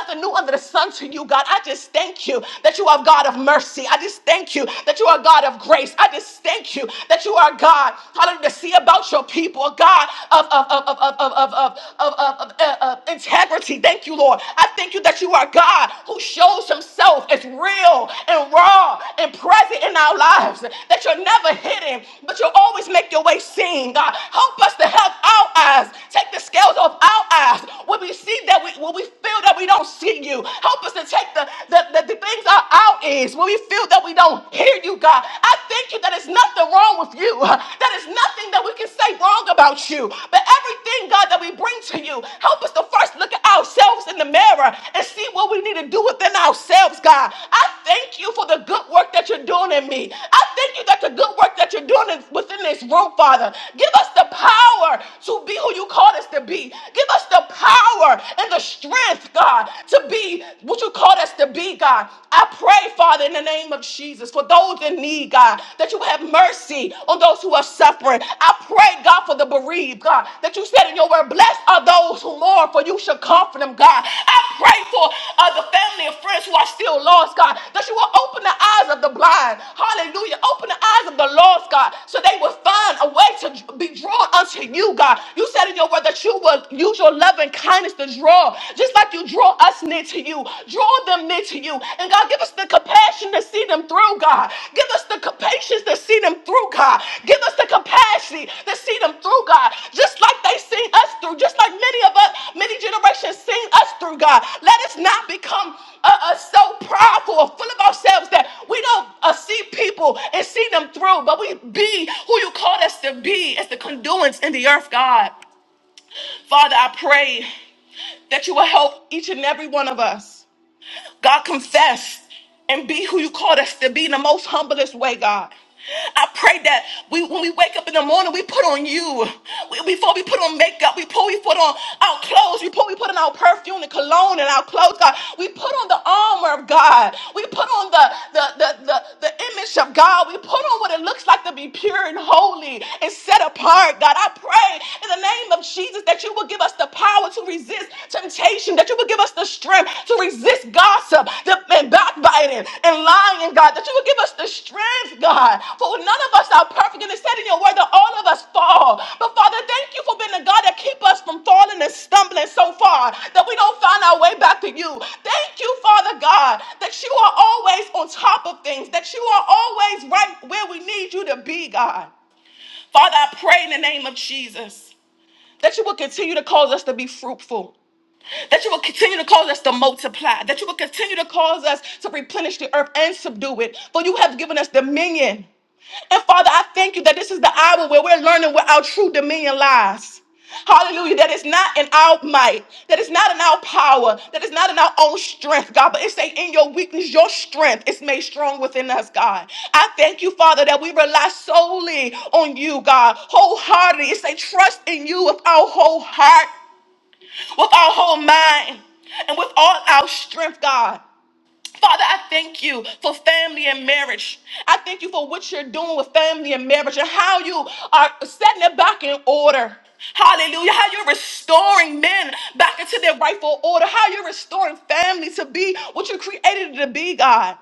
S4: nothing new under the sun to you, God. I just thank you that you are God of mercy. I just thank you that you are God of grace. I just thank you that you are God, hallelujah, to see about your people, a God of, of, of, of, of, of, of, of, of, of, uh, uh, integrity. Thank you, Lord. I thank you that you are God who shows himself as real and raw and present in our lives, that you're never hidden, but you'll always make your way seen, God. Help us to help our eyes, take the scales off our eyes when we see that we, when we feel that we don't see you. Help us to take the, the, the, the things out our ears when we feel that we don't hear you, God. I thank you that it's nothing wrong with you, that it's nothing that we can say wrong about you. But everything, God, that we bring to you, help us to first look at ourselves in the mirror and see what we need to do within ourselves, God. I thank you for the good work that you're doing in me. I thank you that the good work that you're doing is within this room, Father. Give us the power to be who you called us to be. Give us the power power and the strength, God, to be what you called us to be, God. I pray, Father, in the name of Jesus, for those in need, God, that you have mercy on those who are suffering. I pray, God, for the bereaved, God, that you said in your word, blessed are those who mourn, for you shall comfort them, God. I pray for uh, the family and friends who are still lost, God, that you will open the eyes of the blind. Hallelujah. Open the eyes of the lost, God, so they will find a way to be drawn unto you, God. You said in your word that you will will use your love and kindness to draw, just like you draw us near to you. Draw them near to you. And God, give us the compassion to see them through, God. Give us the compa- patience to see them through, God. Give us the capacity to see them through, God. Just like they seen us through, just like many of us, many generations seen us through, God. Let us not become uh, uh, so proudful or full of ourselves that we don't uh, see people and see them through, but we be who you called us to be as the conduits in the earth, God. Father, I pray that you will help each and every one of us. God, confess and be who you called us to be in the most humblest way, God. I pray that we, when we wake up in the morning, we put on you. We- before we put on makeup, we put, we put on our clothes, We put we put on our perfume and cologne and our clothes, God. We put on the armor of God. We put on the, the, the, the, the image of God. We put on what it looks like to be pure and holy and set apart, God. I pray in the name of Jesus that you will give us the power to resist temptation, that you would give us the strength to resist gossip the- and backbiting and lying, God, that you would give us the strength, God, for none of us are perfect. And it said in your word that all of us fall. But Father, thank you for being the God that keep us from falling and stumbling so far that we don't find our way back to you. Thank you, Father God, that you are always on top of things, that you are always right where we need you to be, God. Father, I pray in the name of Jesus that you will continue to cause us to be fruitful that you will continue to cause us to multiply, that you will continue to cause us to replenish the earth and subdue it, for you have given us dominion. And Father, I thank you that this is the hour where we're learning where our true dominion lies. Hallelujah. That is not in our might, that is not in our power, that is not in our own strength, God, but it's a, in your weakness, your strength is made strong within us, God. I thank you, Father, that we rely solely on you, God, wholeheartedly. It's a trust in you with our whole heart with our whole mind and with all our strength, God. Father, I thank you for family and marriage. I thank you for what you're doing with family and marriage and how you are setting it back in order. Hallelujah. How you're restoring men back into their rightful order. How you're restoring family to be what you created it to be, God.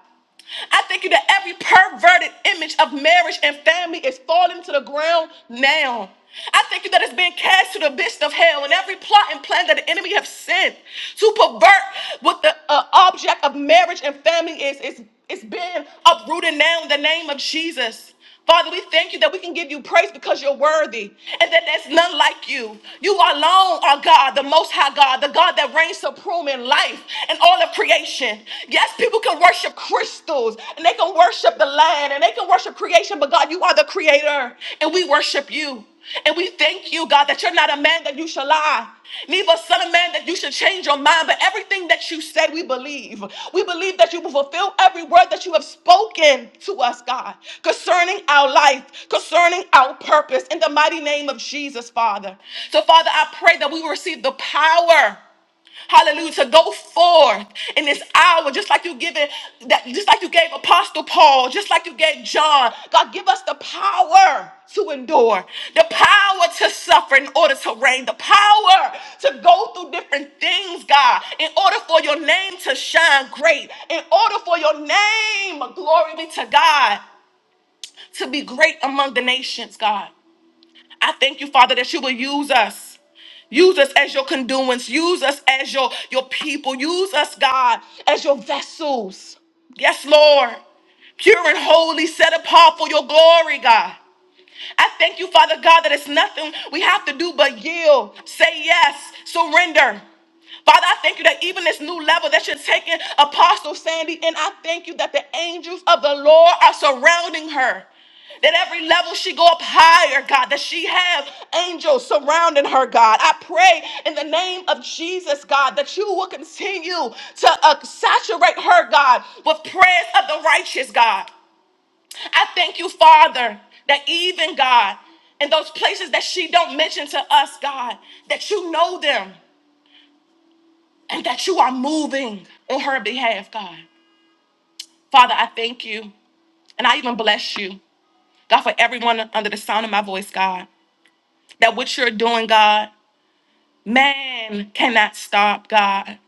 S4: I thank you that every perverted image of marriage and family is falling to the ground now. I thank you that it's being cast to the abyss of hell, and every plot and plan that the enemy have sent to pervert what the uh, object of marriage and family is is is being uprooted now in the name of Jesus. Father, we thank you that we can give you praise because you're worthy and that there's none like you. You alone are God, the Most High God, the God that reigns supreme in life and all of creation. Yes, people can worship crystals and they can worship the land and they can worship creation, but God, you are the creator and we worship you. And we thank you, God, that you're not a man that you shall lie, neither a son of man that you should change your mind. But everything that you said, we believe. We believe that you will fulfill every word that you have spoken to us, God, concerning our life, concerning our purpose, in the mighty name of Jesus, Father. So, Father, I pray that we will receive the power. Hallelujah. To go forth in this hour, just like you given that, just like you gave Apostle Paul, just like you gave John. God, give us the power to endure, the power to suffer in order to reign, the power to go through different things, God, in order for your name to shine great, in order for your name, glory be to God, to be great among the nations, God. I thank you, Father, that you will use us. Use us as your conduits. Use us as your, your people. Use us, God, as your vessels. Yes, Lord. Pure and holy, set apart for your glory, God. I thank you, Father God, that it's nothing we have to do but yield, say yes, surrender. Father, I thank you that even this new level that you're taking, Apostle Sandy, and I thank you that the angels of the Lord are surrounding her. That every level she go up higher, God, that she have angels surrounding her, God. I pray in the name of Jesus, God, that you will continue to uh, saturate her, God, with prayers of the righteous, God. I thank you, Father, that even God, in those places that she don't mention to us, God, that you know them and that you are moving on her behalf, God. Father, I thank you. And I even bless you, God, for everyone under the sound of my voice, God, that what you're doing, God, man cannot stop, God,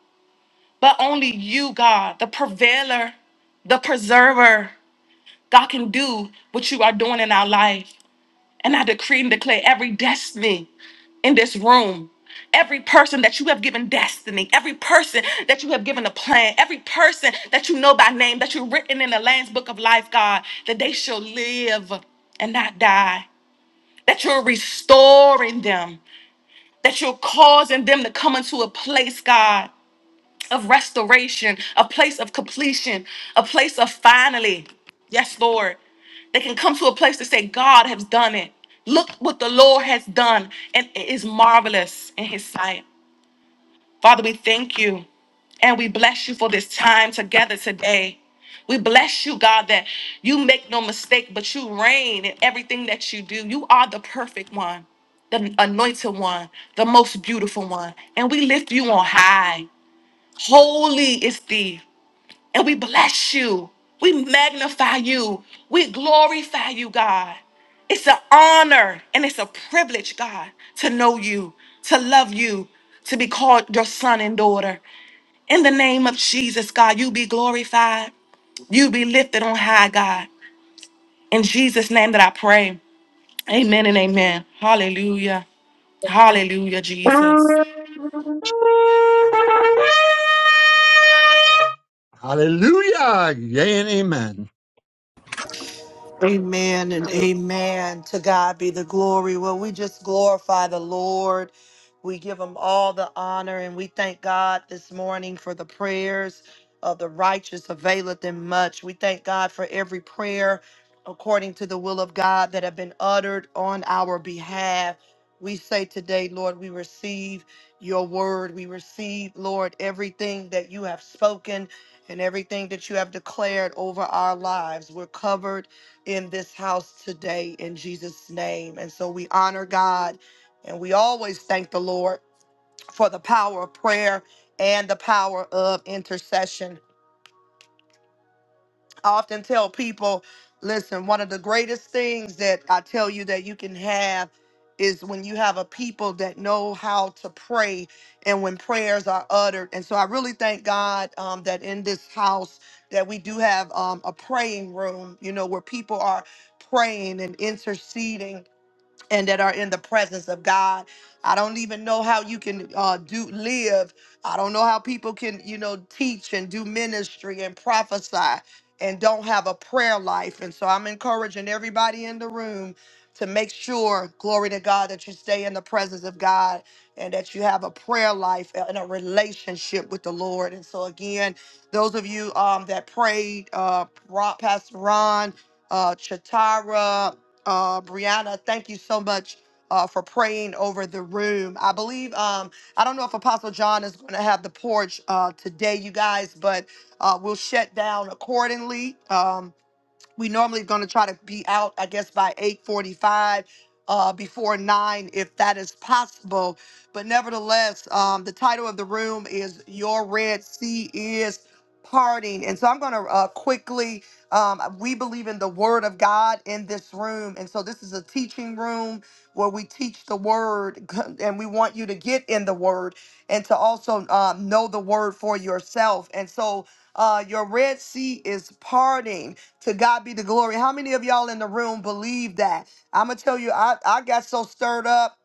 S4: but only you, God, the prevailer, the preserver, God, can do what you are doing in our life. And I decree and declare every destiny in this room, every person that you have given destiny, every person that you have given a plan, every person that you know by name, that you've written in the Lamb's Book of Life, God, that they shall live and not die, that you're restoring them, that you're causing them to come into a place, God of restoration, a place of completion, a place of finally. Yes, Lord. They can come to a place to say, God has done it. Look what the Lord has done, and it is marvelous in His sight. Father, we thank you and we bless you for this time together today. We bless you, God, that you make no mistake, but you reign in everything that you do. You are the perfect one, the anointed one, the most beautiful one, and we lift you on high. Holy is thee. And we bless you. We magnify you. We glorify you, God. It's an honor and it's a privilege, God, to know you, to love you, to be called your son and daughter. In the name of Jesus, God, you be glorified. You be lifted on high, God. In Jesus' name that I pray. Amen and amen. Hallelujah. Hallelujah, Jesus.
S2: (laughs) Hallelujah. Yea and amen.
S1: Amen and amen. To God be the glory. Well, we just glorify the Lord. We give him all the honor and we thank God this morning for the prayers of the righteous availeth them much. We thank God for every prayer according to the will of God that have been uttered on our behalf. We say today, Lord, we receive your word. We receive, Lord, everything that you have spoken and everything that you have declared over our lives. We're covered in this house today in Jesus' name. And so we honor God and we always thank the Lord for the power of prayer and the power of intercession. I often tell people, listen, one of the greatest things that I tell you that you can have is when you have a people that know how to pray and when prayers are uttered. And so I really thank God um, that in this house that we do have um, a praying room, you know, where people are praying and interceding and that are in the presence of God. I don't even know how you can uh, do live. I don't know how people can, you know, teach and do ministry and prophesy and don't have a prayer life. And so I'm encouraging everybody in the room to make sure, glory to God, that you stay in the presence of God and that you have a prayer life and a relationship with the Lord. And so again, those of you um, that prayed, uh, Ro- Pastor Ron, uh, Chatara. Uh, Brianna, thank you so much uh, for praying over the room. I believe, um, I don't know if Apostle John is going to have the porch uh, today, you guys, but uh, we'll shut down accordingly. Um, we normally going to try to be out i guess by 8.45 uh, before 9 if that is possible but nevertheless um, the title of the room is your red sea is parting and so i'm going to uh, quickly um, we believe in the word of god in this room and so this is a teaching room where we teach the word (laughs) and we want you to get in the word and to also um, know the word for yourself and so uh, your red sea is parting to God be the glory. How many of y'all in the room believe that? I'm gonna tell you, I, I got so stirred up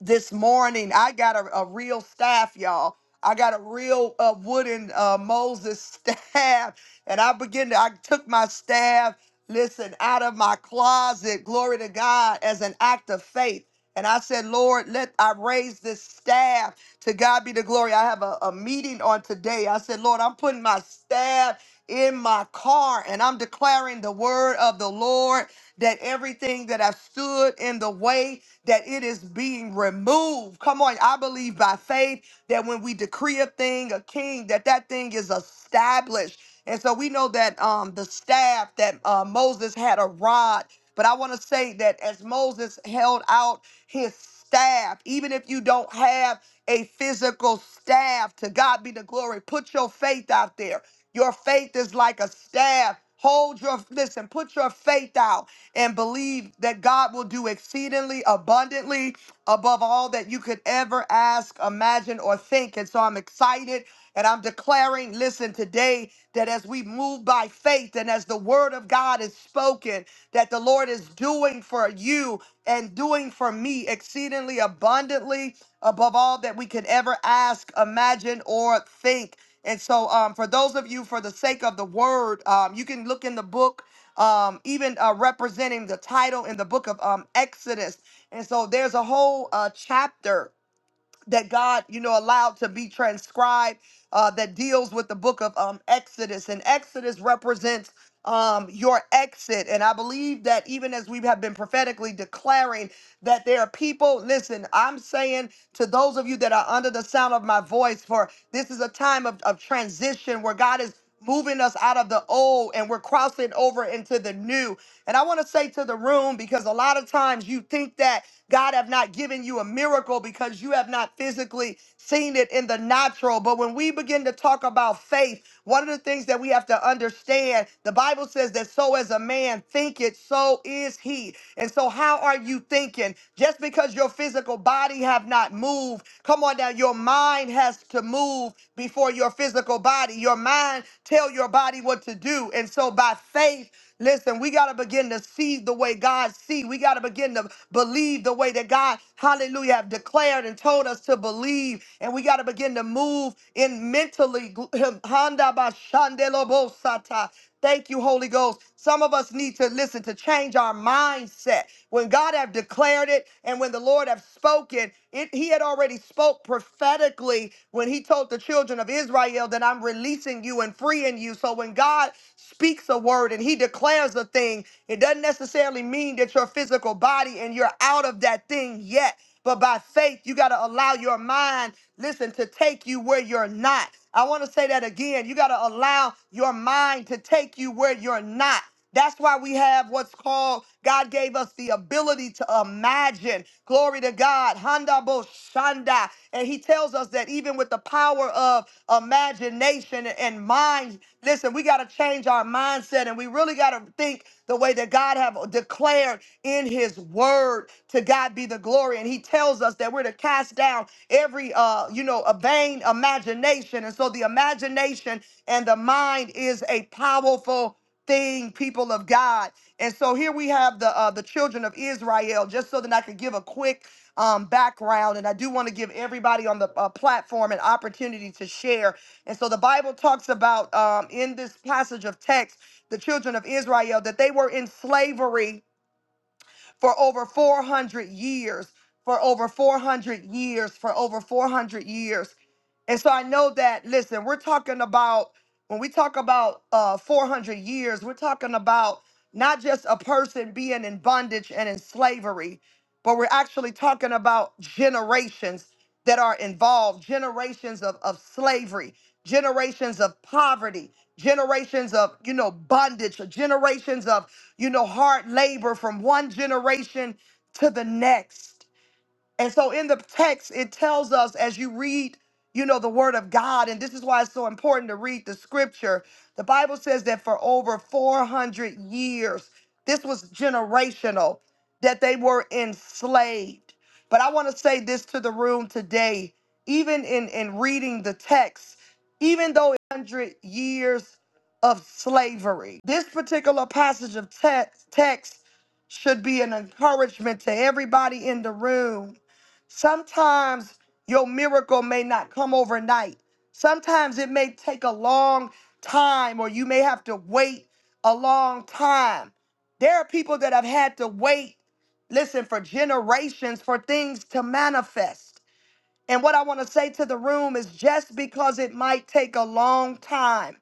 S1: this morning. I got a, a real staff, y'all. I got a real uh, wooden uh, Moses (laughs) staff, and I begin to. I took my staff, listen, out of my closet. Glory to God as an act of faith. And I said, Lord, let I raise this staff. To God be the glory. I have a, a meeting on today. I said, Lord, I'm putting my staff in my car and I'm declaring the word of the Lord that everything that I stood in the way that it is being removed. Come on, I believe by faith that when we decree a thing, a king, that that thing is established. And so we know that um, the staff that uh, Moses had a rod, but I want to say that as Moses held out his staff, even if you don't have a physical staff, to God be the glory. Put your faith out there. Your faith is like a staff. Hold your listen. Put your faith out and believe that God will do exceedingly abundantly above all that you could ever ask, imagine, or think. And so I'm excited and I'm declaring, listen, today that as we move by faith and as the word of God is spoken, that the Lord is doing for you and doing for me exceedingly abundantly above all that we could ever ask, imagine, or think. And so, um, for those of you, for the sake of the word, um, you can look in the book um, even uh, representing the title in the book of um, Exodus. And so there's a whole uh, chapter that God, you know, allowed to be transcribed uh, that deals with the book of um, Exodus. And Exodus represents um, your exit. And I believe that even as we have been prophetically declaring that there are people, listen, I'm saying to those of you that are under the sound of my voice, for this is a time of, of transition where God is moving us out of the old and we're crossing over into the new. And I want to say to the room, because a lot of times you think that God have not given you a miracle because you have not physically seen it in the natural. But when we begin to talk about faith, one of the things that we have to understand, the Bible says that so as a man thinketh, so is he. And so how are you thinking? Just because your physical body have not moved, come on down, your mind has to move before your physical body. Your mind tell your body what to do. And so by faith, Listen, we got to begin to see the way God see. We got to begin to believe the way that God, hallelujah, have declared and told us to believe. And we got to begin to move in mentally. (laughs) Handa ba shandelo bo sata. Thank you, Holy Ghost. Some of us need to listen to change our mindset. When God have declared it and when the Lord have spoken, it, he had already spoke prophetically when he told the children of Israel that I'm releasing you and freeing you. So when God speaks a word and he declares a thing, it doesn't necessarily mean that your physical body and you're out of that thing yet. But by faith, you got to allow your mind, listen, to take you where you're not. I want to say that again. You got to allow your mind to take you where you're not. That's why we have what's called, God gave us the ability to imagine. Glory to God. Handa bo shanda. And he tells us that even with the power of imagination and mind Listen, we got to change our mindset and we really got to think the way that God have declared in his word to God be the glory and he tells us that we're to cast down every uh you know a vain imagination and so the imagination and the mind is a powerful thing people of God and so here we have the uh, the children of Israel just so that I could give a quick um, background and I do want to give everybody on the uh, platform an opportunity to share and so the Bible talks about um, in this passage of text, the children of Israel, that they were in slavery for over 400 years, for over 400 years, for over 400 years. And so I know that, listen, we're talking about, when we talk about uh, 400 years, we're talking about not just a person being in bondage and in slavery, but we're actually talking about generations that are involved, generations of, of slavery, generations of poverty, generations of, you know, bondage, generations of you know, hard labor from one generation to the next. And so in the text, it tells us as you read, you know, the word of God, and this is why it's so important to read the scripture. The Bible says that for over 400 years, this was generational, that they were enslaved. But I want to say this to the room today, even in, in reading the text, even though it's 100 years of slavery, this particular passage of text, text should be an encouragement to everybody in the room Sometimes your miracle may not come overnight. Sometimes it may take a long time, or you may have to wait a long time. There are people that have had to wait, listen, for generations for things to manifest. And what I want to say to the room is just because it might take a long time,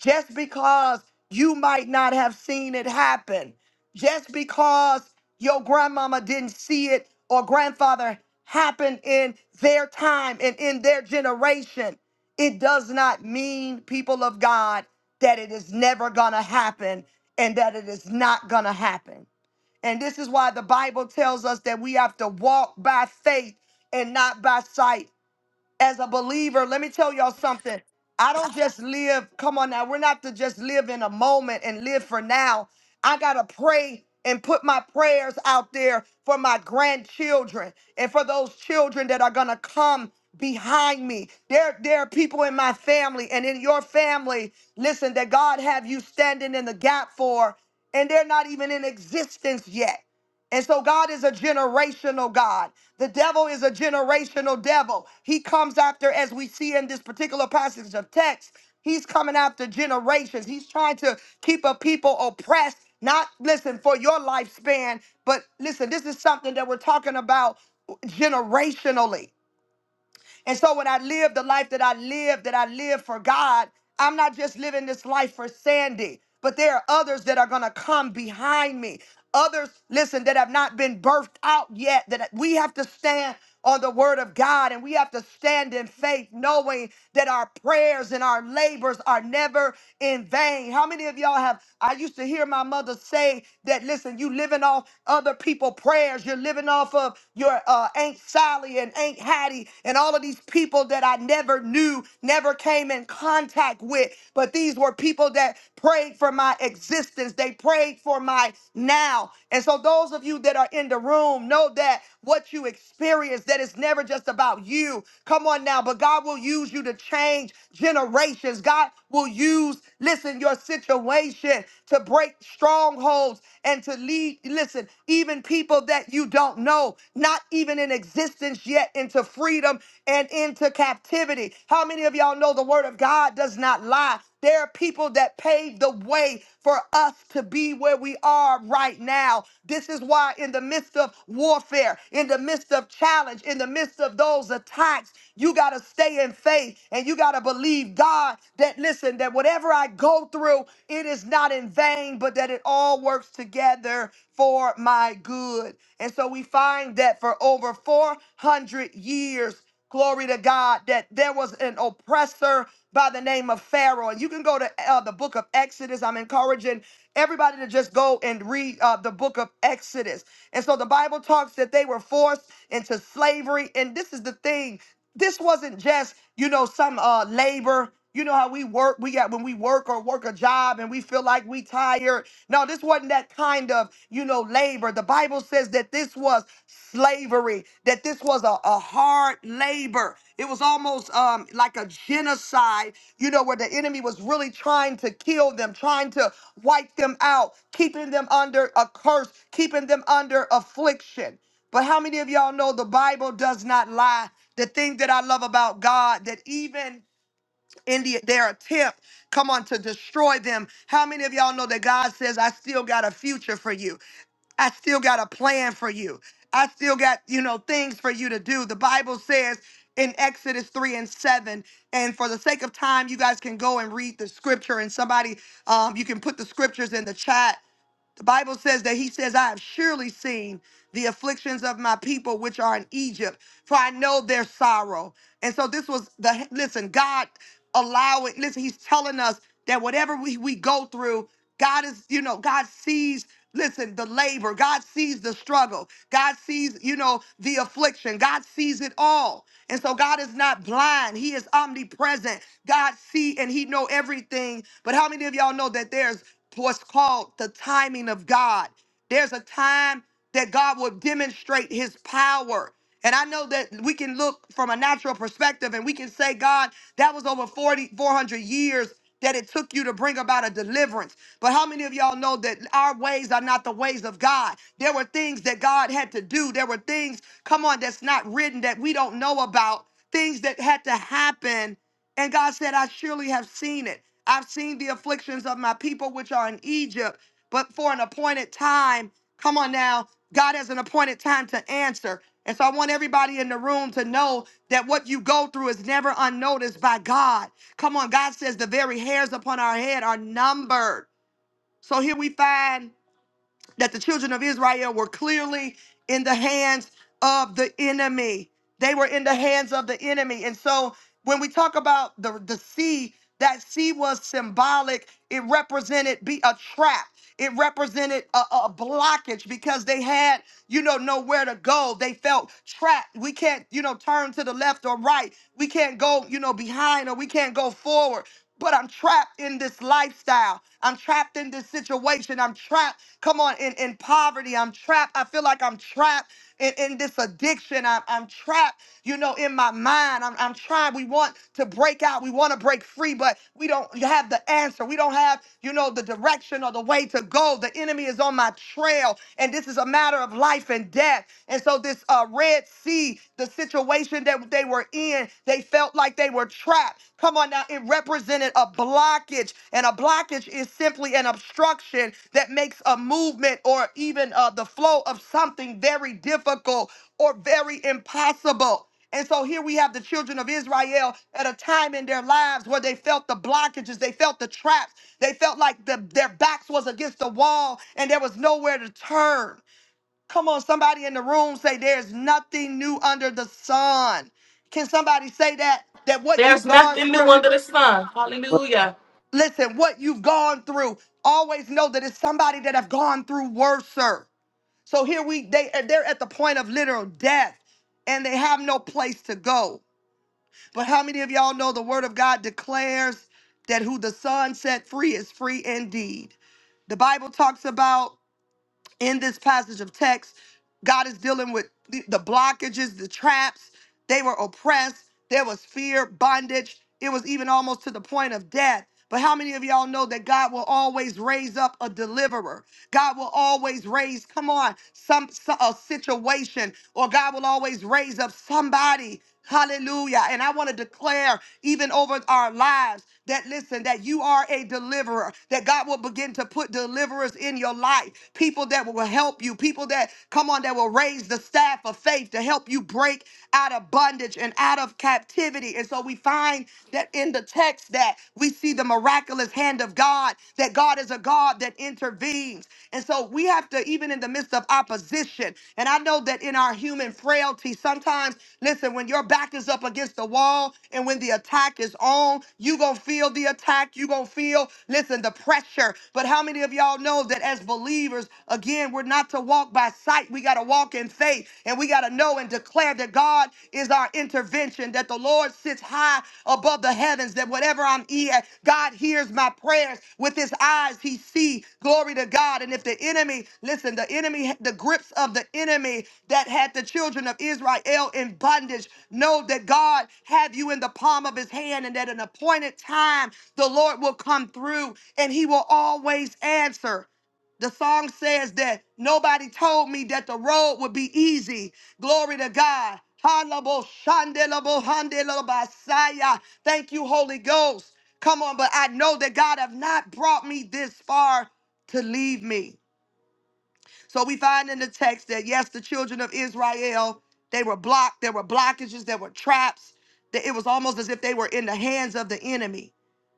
S1: just because you might not have seen it happen, just because your grandmama didn't see it or grandfather happen in their time and in their generation, it does not mean, people of God, that it is never going to happen and that it is not going to happen. And this is why the Bible tells us that we have to walk by faith and not by sight as a believer, let me tell y'all something. I don't just live, come on now, we're not to just live in a moment and live for now. I got to pray and put my prayers out there for my grandchildren and for those children that are going to come behind me. There, there are people in my family and in your family, listen, that God have you standing in the gap for, and they're not even in existence yet. And so God is a generational God. The devil is a generational devil. He comes after, as we see in this particular passage of text, he's coming after generations. He's trying to keep a people oppressed, not listen for your lifespan, but listen, this is something that we're talking about generationally. And so when I live the life that I live, that I live for God, I'm not just living this life for Sandy, but there are others that are going to come behind me. Others, listen, that have not been birthed out yet, that we have to stand on the word of God and we have to stand in faith, knowing that our prayers and our labors are never in vain. How many of y'all have? I used to hear my mother say that, listen, you living off other other people prayers. You're living off of your uh, Aunt Sally and Aunt Hattie and all of these people that I never knew, never came in contact with. But these were people that prayed for my existence. They prayed for my now. And so those of you that are in the room know that what you experience, that it's never just about you. Come on now, but God will use you to change generations. God will use, listen, in your situation to break strongholds and to lead, listen, even people that you don't know, not even in existence yet, into freedom and into captivity. How many of y'all know the word of God does not lie? There are people that paved the way for us to be where we are right now. This is why, in the midst of warfare, in the midst of challenge, in the midst of those attacks, you got to stay in faith and you got to believe God that, listen, that whatever I go through, it is not in vain, but that it all works together for my good. And so we find that for over 400 years, glory to God, that there was an oppressor by the name of Pharaoh. And you can go to uh, the book of Exodus. I'm encouraging everybody to just go and read uh, the book of Exodus. And so the Bible talks that they were forced into slavery. And this is the thing this wasn't just you know some uh labor you know how we work we got when we work or work a job and we feel like we tired no this wasn't that kind of you know labor the bible says that this was slavery that this was a, a hard labor it was almost um like a genocide you know where the enemy was really trying to kill them trying to wipe them out keeping them under a curse keeping them under affliction but how many of y'all know the Bible does not lie? The thing that I love about God, that even in the, their attempt, come on, to destroy them, how many of y'all know that God says, I still got a future for you? I still got a plan for you. I still got, you know, things for you to do. The Bible says in Exodus 3 and 7, and for the sake of time, you guys can go and read the scripture, and somebody, um, you can put the scriptures in the chat the Bible says that he says, I have surely seen the afflictions of my people which are in Egypt, for I know their sorrow. And so this was the listen, God allowing, listen, he's telling us that whatever we, we go through, God is, you know, God sees, listen, the labor, God sees the struggle, God sees, you know, the affliction, God sees it all. And so God is not blind, He is omnipresent. God see and He know everything. But how many of y'all know that there's to what's called the timing of God. There's a time that God will demonstrate his power. And I know that we can look from a natural perspective and we can say, God, that was over 4,400 years that it took you to bring about a deliverance. But how many of y'all know that our ways are not the ways of God? There were things that God had to do. There were things, come on, that's not written that we don't know about, things that had to happen. And God said, I surely have seen it. I've seen the afflictions of my people which are in Egypt, but for an appointed time, come on now, God has an appointed time to answer. And so I want everybody in the room to know that what you go through is never unnoticed by God. Come on, God says the very hairs upon our head are numbered. So here we find that the children of Israel were clearly in the hands of the enemy. They were in the hands of the enemy. And so when we talk about the, the sea, that sea was symbolic. It represented be a trap. It represented a, a blockage because they had, you know, nowhere to go. They felt trapped. We can't, you know, turn to the left or right. We can't go, you know, behind or we can't go forward but I'm trapped in this lifestyle. I'm trapped in this situation. I'm trapped, come on, in, in poverty. I'm trapped. I feel like I'm trapped in, in this addiction. I'm, I'm trapped, you know, in my mind. I'm, I'm trying. We want to break out. We want to break free, but we don't have the answer. We don't have, you know, the direction or the way to go, the the enemy is on my trail, and this is a matter of life and death. And so, this uh, Red Sea, the situation that they were in, they felt like they were trapped. Come on now, it represented a blockage, and a blockage is simply an obstruction that makes a movement or even uh, the flow of something very difficult or very impossible. And so here we have the children of Israel at a time in their lives where they felt the blockages, they felt the traps, they felt like the, their backs was against the wall and there was nowhere to turn. Come on, somebody in the room say there's nothing new under the sun. Can somebody say that? That what
S4: There's
S1: you've gone
S4: nothing new
S1: through,
S4: under the sun. Hallelujah.
S1: listen, what you've gone through, always know that it's somebody that have gone through worser. So here we they they're at the point of literal death and they have no place to go. But how many of y'all know the word of God declares that who the Son set free is free indeed? The Bible talks about in this passage of text, God is dealing with the the blockages, the traps. They were oppressed. There was fear, bondage. It was even almost to the point of death. But how many of y'all know that God will always raise up a deliverer? God will always raise, come on, some, some a situation, or God will always raise up somebody Hallelujah. And I want to declare even over our lives that listen, that you are a deliverer, that God will begin to put deliverers in your life, people that will help you, people that come on, that will raise the staff of faith to help you break out of bondage and out of captivity. And so we find that in the text that we see the miraculous hand of God, that God is a God that intervenes. And so we have to, even in the midst of opposition, and I know that in our human frailty, sometimes, listen, when your back is up against the wall and when the attack is on, you going to feel the attack. you going to feel, listen, the pressure. But how many of y'all know that as believers, again, we're not to walk by sight. We got to walk in faith and we got to know and declare that God is our intervener intervention, that the Lord sits high above the heavens, that whatever I'm eating, God hears my prayers with his eyes. He sees. glory to God. And if the enemy, listen, the enemy, the grips of the enemy that had the children of Israel in bondage, know that God have you in the palm of his hand and at an appointed time the Lord will come through and he will always answer. The song says that nobody told me that the road would be easy. Glory to God. Hanabo shandelabo handelabo basaya. Thank you, Holy Ghost. Come on, but I know that God have not brought me this far to leave me. So we find in the text that yes, the children of Israel, they were blocked, there were blockages, there were traps. That it was almost as if they were in the hands of the enemy.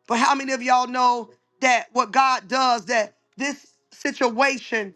S1: But how many of y'all know that what God does, that this situation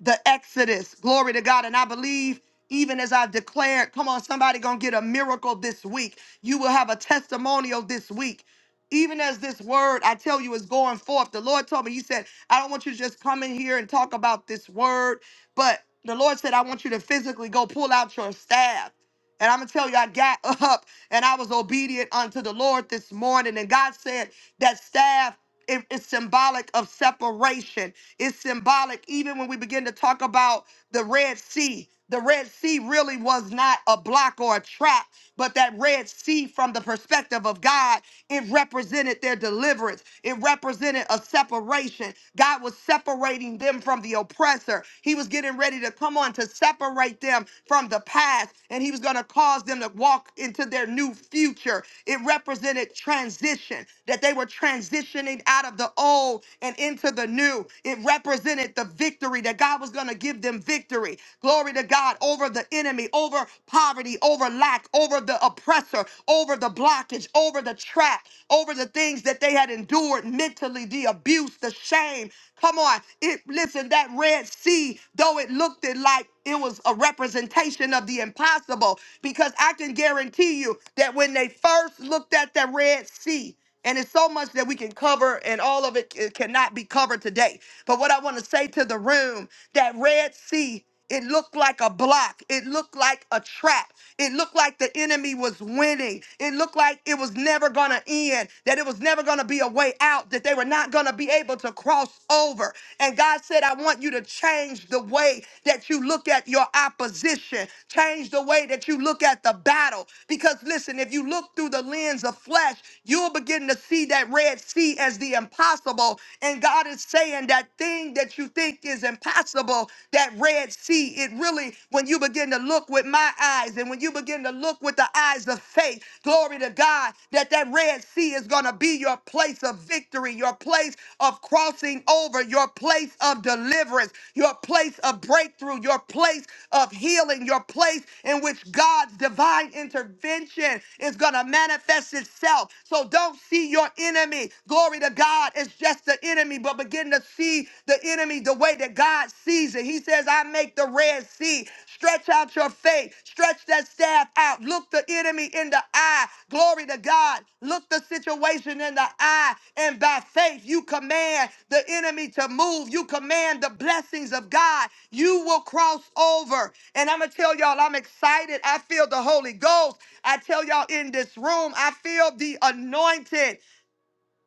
S1: the Exodus. Glory to God. And I believe, even as I've declared, come on, somebody gonna get a miracle this week. You will have a testimonial this week. Even as this word, I tell you, is going forth. The Lord told me, He said, I don't want you to just come in here and talk about this word, but the Lord said, I want you to physically go pull out your staff. And I'm gonna tell you, I got (laughs) up and I was obedient unto the Lord this morning. And God said, That staff it- it's symbolic of separation. It's symbolic, even when we begin to talk about the Red Sea. The Red Sea really was not a block or a trap, but that Red Sea, from the perspective of God, it represented their deliverance. It represented a separation. God was separating them from the oppressor. He was getting ready to come on to separate them from the past, and He was going to cause them to walk into their new future. It represented transition, that they were were transitioning out of the old and into the new. It represented the victory that God was going to give them victory. Glory to God over the enemy, over poverty, over lack, over the oppressor, over the blockage, over the trap, over the things that they had endured mentally, the abuse, the shame. Come on. It listen, that Red Sea, though it looked it like it was a representation of the impossible because I can guarantee you that when they first looked at the Red Sea, and it's so much that we can cover, and all of it c- cannot be covered today. But what I want to say to the room that Red Sea, it looked like a block, it looked like a trap, it looked like the enemy was winning, it looked like it was never going to end, that it was never going to be a way out, that they were not going to be able to cross over. And God said, I want you to change the way that you look at your opposition, change the way that you look at the battle. Because listen, if you look through the lens of flesh, you'll begin to see that Red Sea as the impossible. And God is saying that thing that you think is impossible, that Red Sea, it really, when you begin to look with my eyes and when you begin to look with the eyes of faith, glory to God, that that Red Sea is going to be your place of victory, your place of crossing over, your place of deliverance, your place of breakthrough, your place of healing, your place in which God's divine intervention is going is going to manifest itself. So don't see your enemy. Glory to God. It's just the enemy, but begin to see the enemy the way that God sees it. He says, I make the Red Sea. Stretch out your faith. Stretch that staff out. Look the enemy in the eye. Glory to God. Look the situation in the eye. And by faith, you command the enemy to move. You command the blessings of God. You will cross over. And I'm going to tell y'all, I'm excited. I feel the Holy Ghost. I tell y'all in this room, I feel the anointing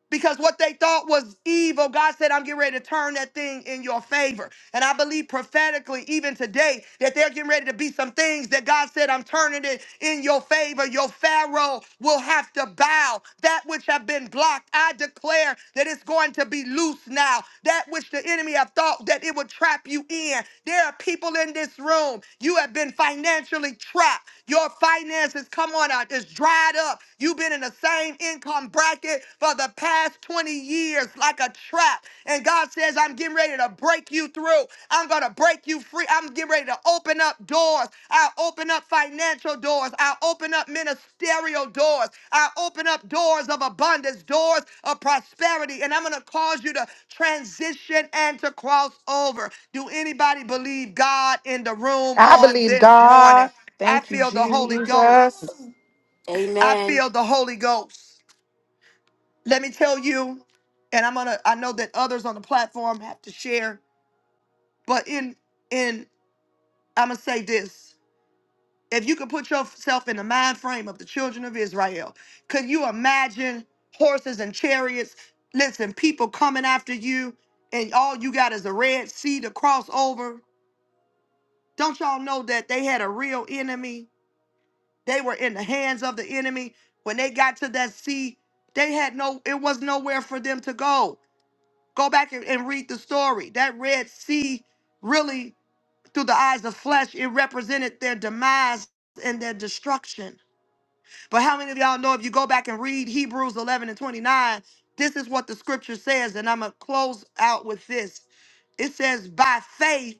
S1: because what they thought was evil, God said, I'm getting ready to turn that thing in your favor. And I believe prophetically, even today, that they're getting ready to be some things that God said, I'm turning it in your favor. Your Pharaoh will have to bow. That which have been blocked, I declare that it's going to be loose now. That which the enemy have thought that it would trap you in. There are people in this room, you have been financially trapped. Your finances, come on out, is dried up. You've been in the same income bracket it for the past 20 years like a trap. And God says, I'm getting ready to break you through. I'm going to break you free. I'm getting ready to open up doors. I'll open up financial doors. I'll open up ministerial doors. I'll open up doors of abundance, doors of prosperity. And I'm going to cause you to transition and to cross over. Do anybody believe God in the room
S4: I
S1: on
S4: believe
S1: this
S4: God.
S1: morning? I
S4: Thank you,
S1: feel the Holy Ghost.
S4: Jesus.
S1: I
S6: Amen.
S1: feel the Holy Ghost let me tell you and i'm gonna i know that others on the platform have to share but in in i'm gonna say this if you could put yourself in the mind frame of the children of israel could you imagine horses and chariots listen people coming after you and all you got is a red sea to cross over don't y'all know that they had a real enemy they were in the hands of the enemy when they got to that sea they had no it was nowhere for them to go Go back and, and read the story. That Red Sea, really, through the eyes of flesh, it represented their demise and their destruction. But how many of y'all know if you go back and read Hebrews 11 and 29, this is what the scripture says, and I'm going to close out with this. It says, By faith,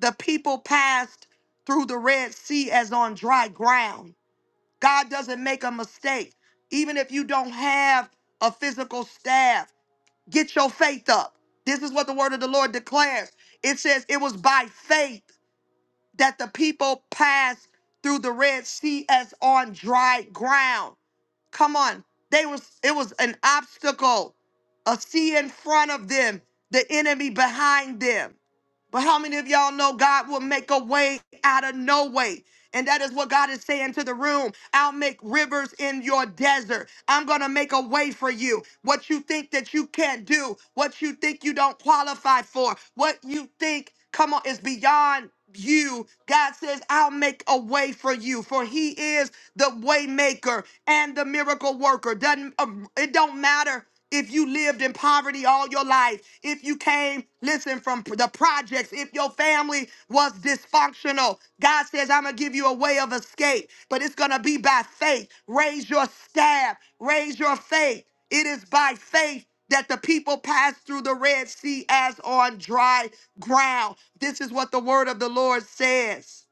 S1: the people passed through the Red Sea as on dry ground. God doesn't make a mistake. Even if you don't have a physical staff, Get your faith up. This is what the word of the Lord declares. It says it was by faith that the people passed through the Red Sea as on dry ground. Come on. They was it was an obstacle, a sea in front of them, the enemy behind them. But how many of y'all know God will make a way out of no way? And that is what God is saying to the room. I'll make rivers in your desert. I'm going to make a way for you. What you think that you can't do, what you think you don't qualify for, what you think, come on, is beyond you. God says, I'll make a way for you. For he is the way maker and the miracle worker. Doesn't, um, it don't matter if you lived in poverty all your life, if you came, listen, from the projects, if your family was dysfunctional, God says, I'm going to give you a way of escape, but it's going to be by faith. Raise your staff, raise your faith. It is by faith that the people passed through the Red Sea as on dry ground. This is what the word of the Lord says.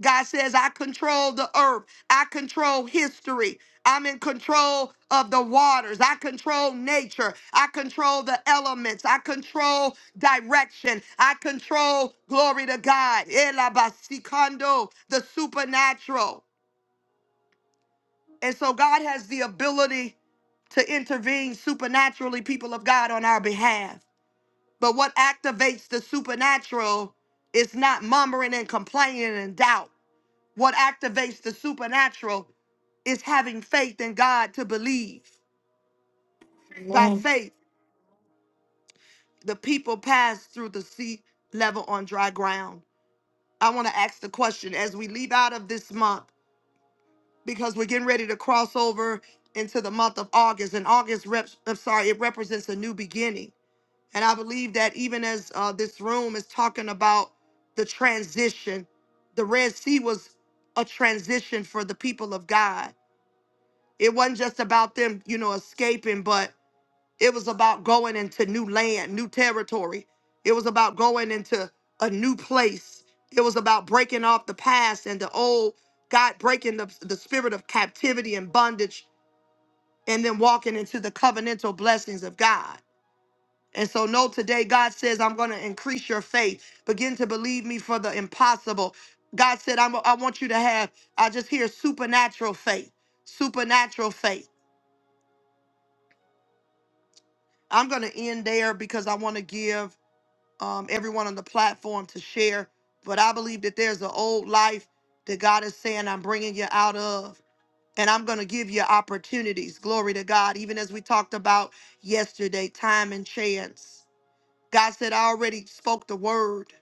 S1: God says, I control the earth. I control history. I'm in control of the waters. I control nature. I control the elements. I control direction. I control, glory to God, Elabasikando, the supernatural. And so God has the ability to intervene supernaturally, people of God, on our behalf. But what activates the supernatural is not murmuring and complaining and doubt. What activates the supernatural is having faith in God to believe. By
S4: Amen.
S1: faith, the people passed through the sea level on dry ground. I want to ask the question as we leave out of this month, because we're getting ready to cross over into the month of August, and August reps, I'm sorry, it represents a new beginning. And I believe that even as uh, this room is talking about the transition, the Red Sea was a transition for the people of God It wasn't just about them, you know, escaping, but it was about going into new land, new territory. It was about going into a new place. It was about breaking off the past and the old, God breaking the, the spirit of captivity and bondage, and then walking into the covenantal blessings of God. And so, no, today God says, I'm going to increase your faith. Begin to believe me for the impossible. God said, I'm, I want you to have, I just hear supernatural faith, supernatural faith. I'm going to end there because I want to give um, everyone on the platform to share. But I believe that there's an old life that God is saying, I'm bringing you out of. And I'm going to give you opportunities. Glory to God. Even as we talked about yesterday, time and chance. God said, I already spoke the word.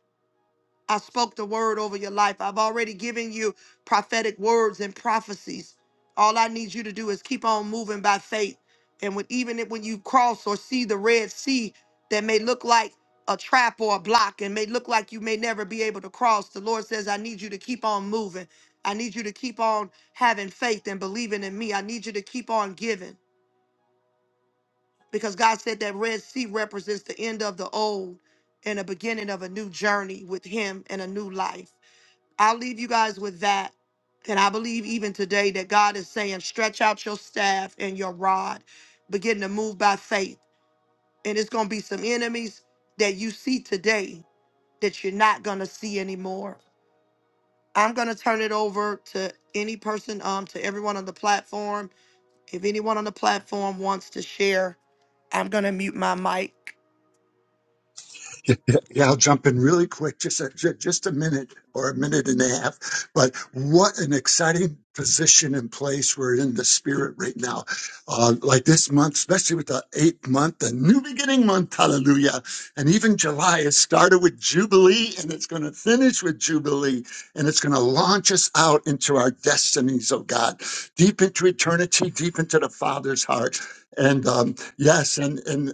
S1: I spoke the word over your life. I've already given you prophetic words and prophecies. All I need you to do is keep on moving by faith. And when even if- when you cross or see the Red Sea that may look like a trap or a block and may look like you may never be able to cross, the Lord says, I need you to keep on moving. I need you to keep on having faith and believing in me. I need you to keep on giving. Because God said that Red Sea represents the end of the old and the beginning of a new journey with Him and a new life. I'll leave you guys with that. And I believe even today that God is saying, stretch out your staff and your rod, begin to move by faith. And it's going to be some enemies that you see today that you're not going to see anymore. I'm going to turn it over to any person, um, to everyone on the platform. If anyone on the platform wants to share, I'm going to mute my mic.
S2: Yeah, I'll jump in really quick, just a, ju- just a minute or a minute and a half. But what an exciting position and place we're in the spirit right now. Uh, like this month, especially with the eighth month, the new beginning month, hallelujah. And even July, it started with Jubilee and it's going to finish with Jubilee and it's going to launch us out into our destinies, oh God, deep into eternity, deep into the Father's heart. And um, yes, and, and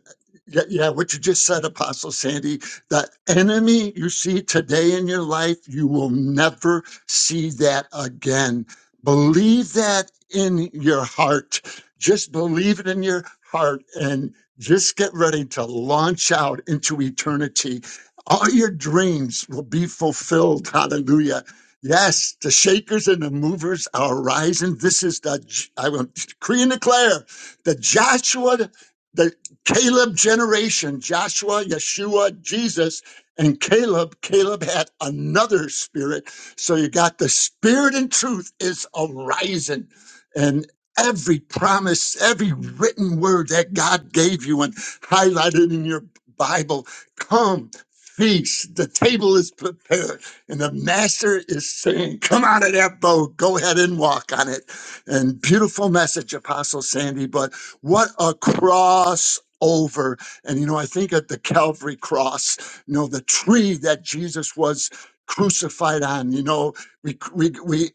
S2: yeah, yeah, what you just said, Apostle Sandy, the enemy you see today in your life, you will never see that again. Believe that in your heart. Just believe it in your heart and just get ready to launch out into eternity. All your dreams will be fulfilled. Hallelujah. Yes, the shakers and the movers are rising. This is the, I will decree and declare the Joshua Caleb generation, Joshua, Yeshua, Jesus, and Caleb. Caleb had another spirit. So you got the spirit and truth is arising. And every promise, every written word that God gave you and highlighted in your Bible, come. Feast, the table is prepared, and the master is saying, Come out of that boat, go ahead and walk on it. And beautiful message, Apostle Sandy. But what a crossover! over. And, you know, I think at the Calvary cross, you know, the tree that Jesus was crucified on, you know, we, we, we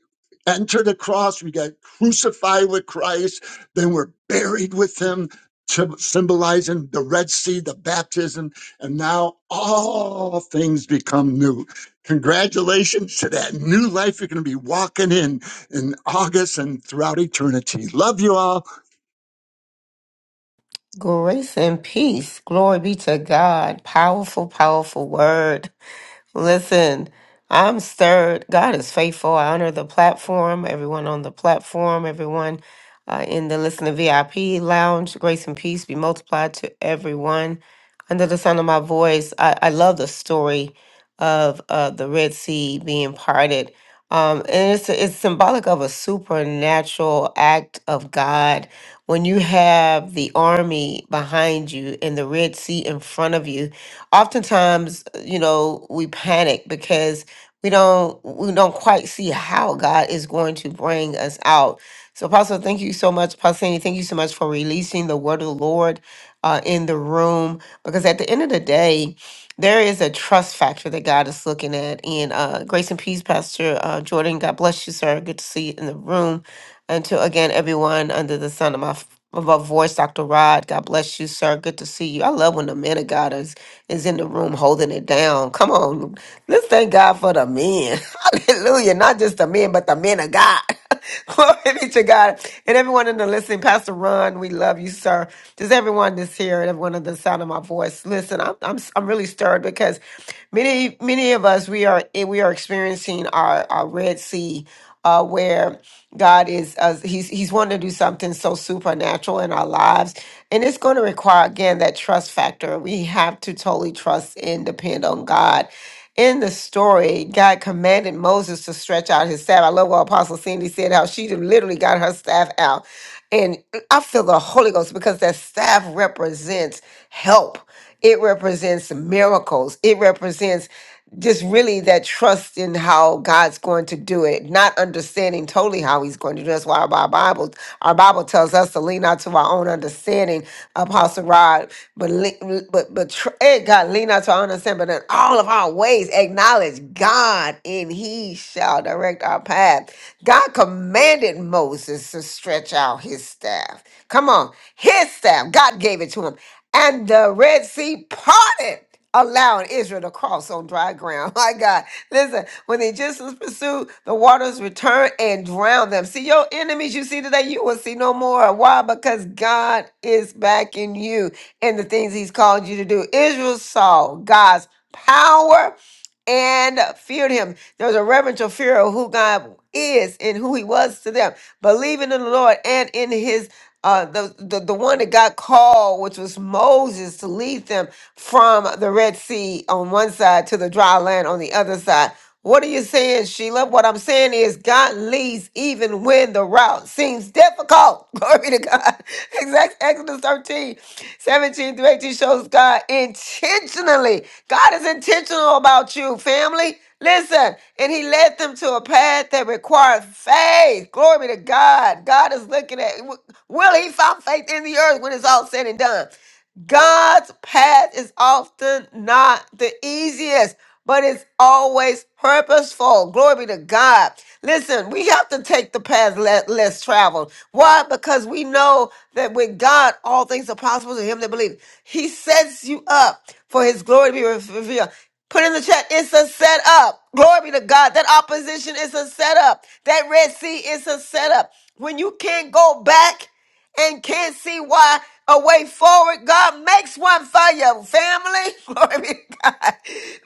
S2: enter the cross, we get crucified with Christ, then we're buried with him. sym- Symbolizing the Red Sea, the baptism, and now all things become new. Congratulations to that new life you're going to be walking in in August and throughout eternity. Love you all.
S7: Grace and peace. Glory be to God. Powerful, powerful word. Listen, I'm stirred. God is faithful. I honor the platform, everyone on the platform, everyone uh, in the listener VIP lounge. Grace and peace be multiplied to everyone. Under the sound of my voice, I, I love the story of uh, the Red Sea being parted. Um, and it's, it's symbolic of a supernatural act of God. When you have the army behind you and the Red Sea in front of you, oftentimes you know we panic because we don't we don't quite see how god is going to bring us out so apostle thank you so much apostle Sandy, thank you so much for releasing the word of the lord uh, in the room because at the end of the day there is a trust factor that God is looking at. And uh, grace and peace, Pastor uh, Jordan. God bless you, sir. Good to see you in the room. And to again, everyone under the sun of my f- of our voice, Dr. Rod. God bless you, sir. Good to see you. I love when the men of God is is in the room holding it down. Come on, let's thank God for the men. (laughs) Hallelujah! Not just the men, but the men of God. (laughs) (laughs) Glory be to God. And everyone in the listening, Pastor Ron, we love you, sir. Just everyone that's here and everyone at the sound of my voice. Listen, I'm, I'm, I'm really stirred because many, many of us, we are, eh, we are experiencing our, our Red Sea, uh, where God is, uh, he's, he's wanting to do something so supernatural in our lives. And it's going to require, again, that trust factor. We have to totally trust and depend on God in the story, God commanded Moses to stretch out his staff. I love what Apostle Cindy said, how she literally got her staff out. And I feel the Holy Ghost because that staff represents help, it represents miracles, it represents just really that trust in how God's going to do it, not understanding totally how He's going according to that's why our Bible, our Bible tells us to lean out to our own understanding, Apostle Rod, but le- but but tr- eh, God, lean out to our own understanding, but in all of our ways acknowledge God, and He shall direct our path. God commanded Moses to stretch out His staff. Come on, His staff. God gave it to him and the Red Sea parted, allowing Israel to cross on dry ground. (laughs) My God, listen, when the Egyptians pursued, the waters returned and drowned them. See, your enemies you see today, you will see no more. Why? Because God is backing you in the things He's called you to do. Israel saw God's power and feared him. There's a reverential fear of who God is and who he was to them, believing in the Lord and in his uh, the, the the one that got called, which was Moses, to lead them from the Red Sea on one side to the dry land on the other side. What are you saying, Sheila? What I'm saying is God leads even when the route seems difficult. (laughs) Glory to God. (laughs) Exact Exodus 13, 17 through 18 shows God intentionally. God is intentional about you, family. Listen, and he led them to a path that required faith. Glory be to God. God is looking at, will he find faith in the earth when it's all said and done? God's path is often not the easiest, but it's always purposeful. Glory be to God. Listen, we have to take the path le- less traveled. Why? Because we know that with God, all things are possible to him that believe. He sets you up for his glory to be re- revealed. Put in the chat, it's a setup. Glory be to God. That opposition is a setup. That Red Sea is a setup. When you can't go back, and can't see why a way forward. God makes one for your family. (laughs) Glory be to God.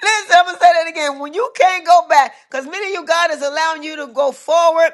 S7: Listen, I'm gonna say that again. When you can't go back, because many of you, God is allowing you to go forward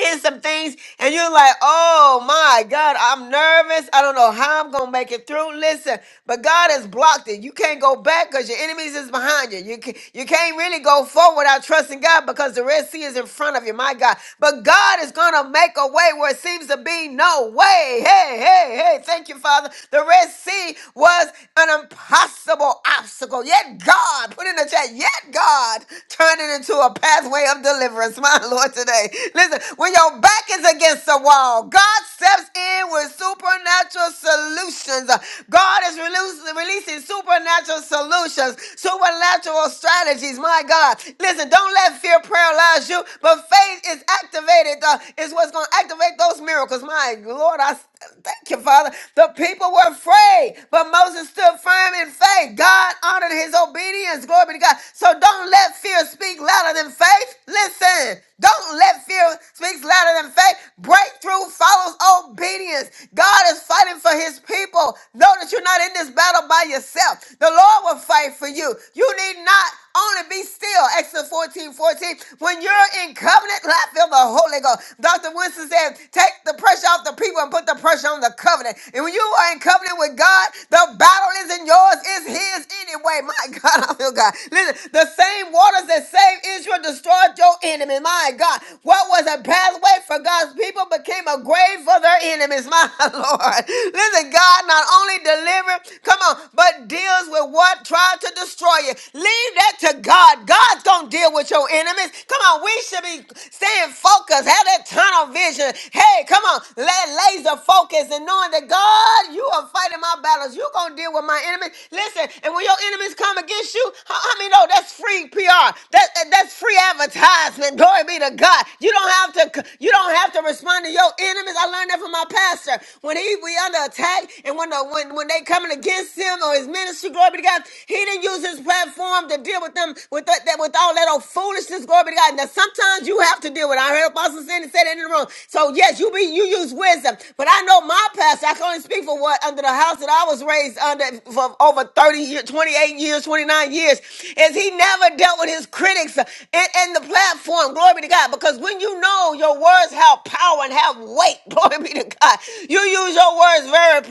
S7: in some things and you're like, oh my God, I'm nervous. I don't know how I'm going to make it through. Listen, but God has blocked it. You can't go back because your enemies is behind you. You, can, you can't really go forward without trusting God because the Red Sea is in front of you, my God. But God is going to make a way where it seems to be no way. Hey, hey, hey, thank you, Father. The Red Sea was an impossible obstacle. Yet God, put in the chat, yet God turned it into a pathway of deliverance, (laughs) my Lord, today. Listen, (laughs) when your back is against the wall, God steps in with supernatural solutions. God is releas- releasing supernatural solutions, supernatural strategies. My God, listen, don't let fear paralyze you, but faith is activated, uh, is what's going to activate those miracles. My Lord, I Thank you, Father. The people were afraid, but Moses stood firm in faith. God honored his obedience. Glory be to God. So don't let fear speak louder than faith. Listen, don't let fear speak louder than faith. Breakthrough follows obedience. God is fighting for his people. Know that you're not in this battle by yourself. The Lord will fight for you. You need not only be still. Exodus 14, 14. When you're in covenant, I feel the Holy Ghost. Dr. Winston said, take the pressure off the people and put the pressure on the covenant. And when you are in covenant with God, the battle isn't yours, it's his anyway. (laughs) My God, I feel God. Listen, the same waters that saved Israel destroyed your enemy. My God. What was a pathway for God's people became a grave for their enemies. My (laughs) Lord. Listen, God not only delivered, come on, but deals with what tried to to destroy you. Leave that to God. God's going to deal with your enemies. Come on, we should be staying focused. Have that tunnel vision. Hey, come on, let laser focus and knowing that God, you are fighting my battles. You're going to deal with my enemies. Listen, and when your enemies come against you, how, how many know that's free PR? That, that- that's free advertisement. Glory be to God. You don't have to you don't have to respond to your enemies. I learned that from my pastor. When he we under attack and when the, when when they coming against him or his ministry. Glory be to God. He didn't use his platform to deal with them with that, that- with all that old foolishness. Glory be to God. Now sometimes you have to deal with. It. I heard Apostle Sandy say that in the room. So yes, you be you use wisdom, but I know my pastor. I can only speak for what under the house that I was raised under for over thirty years, twenty eight years, twenty nine years, is he never dealt with his critics in, in the platform. Glory be to God. Because when you know your words have power and have weight, (laughs) glory be to God, you use your words very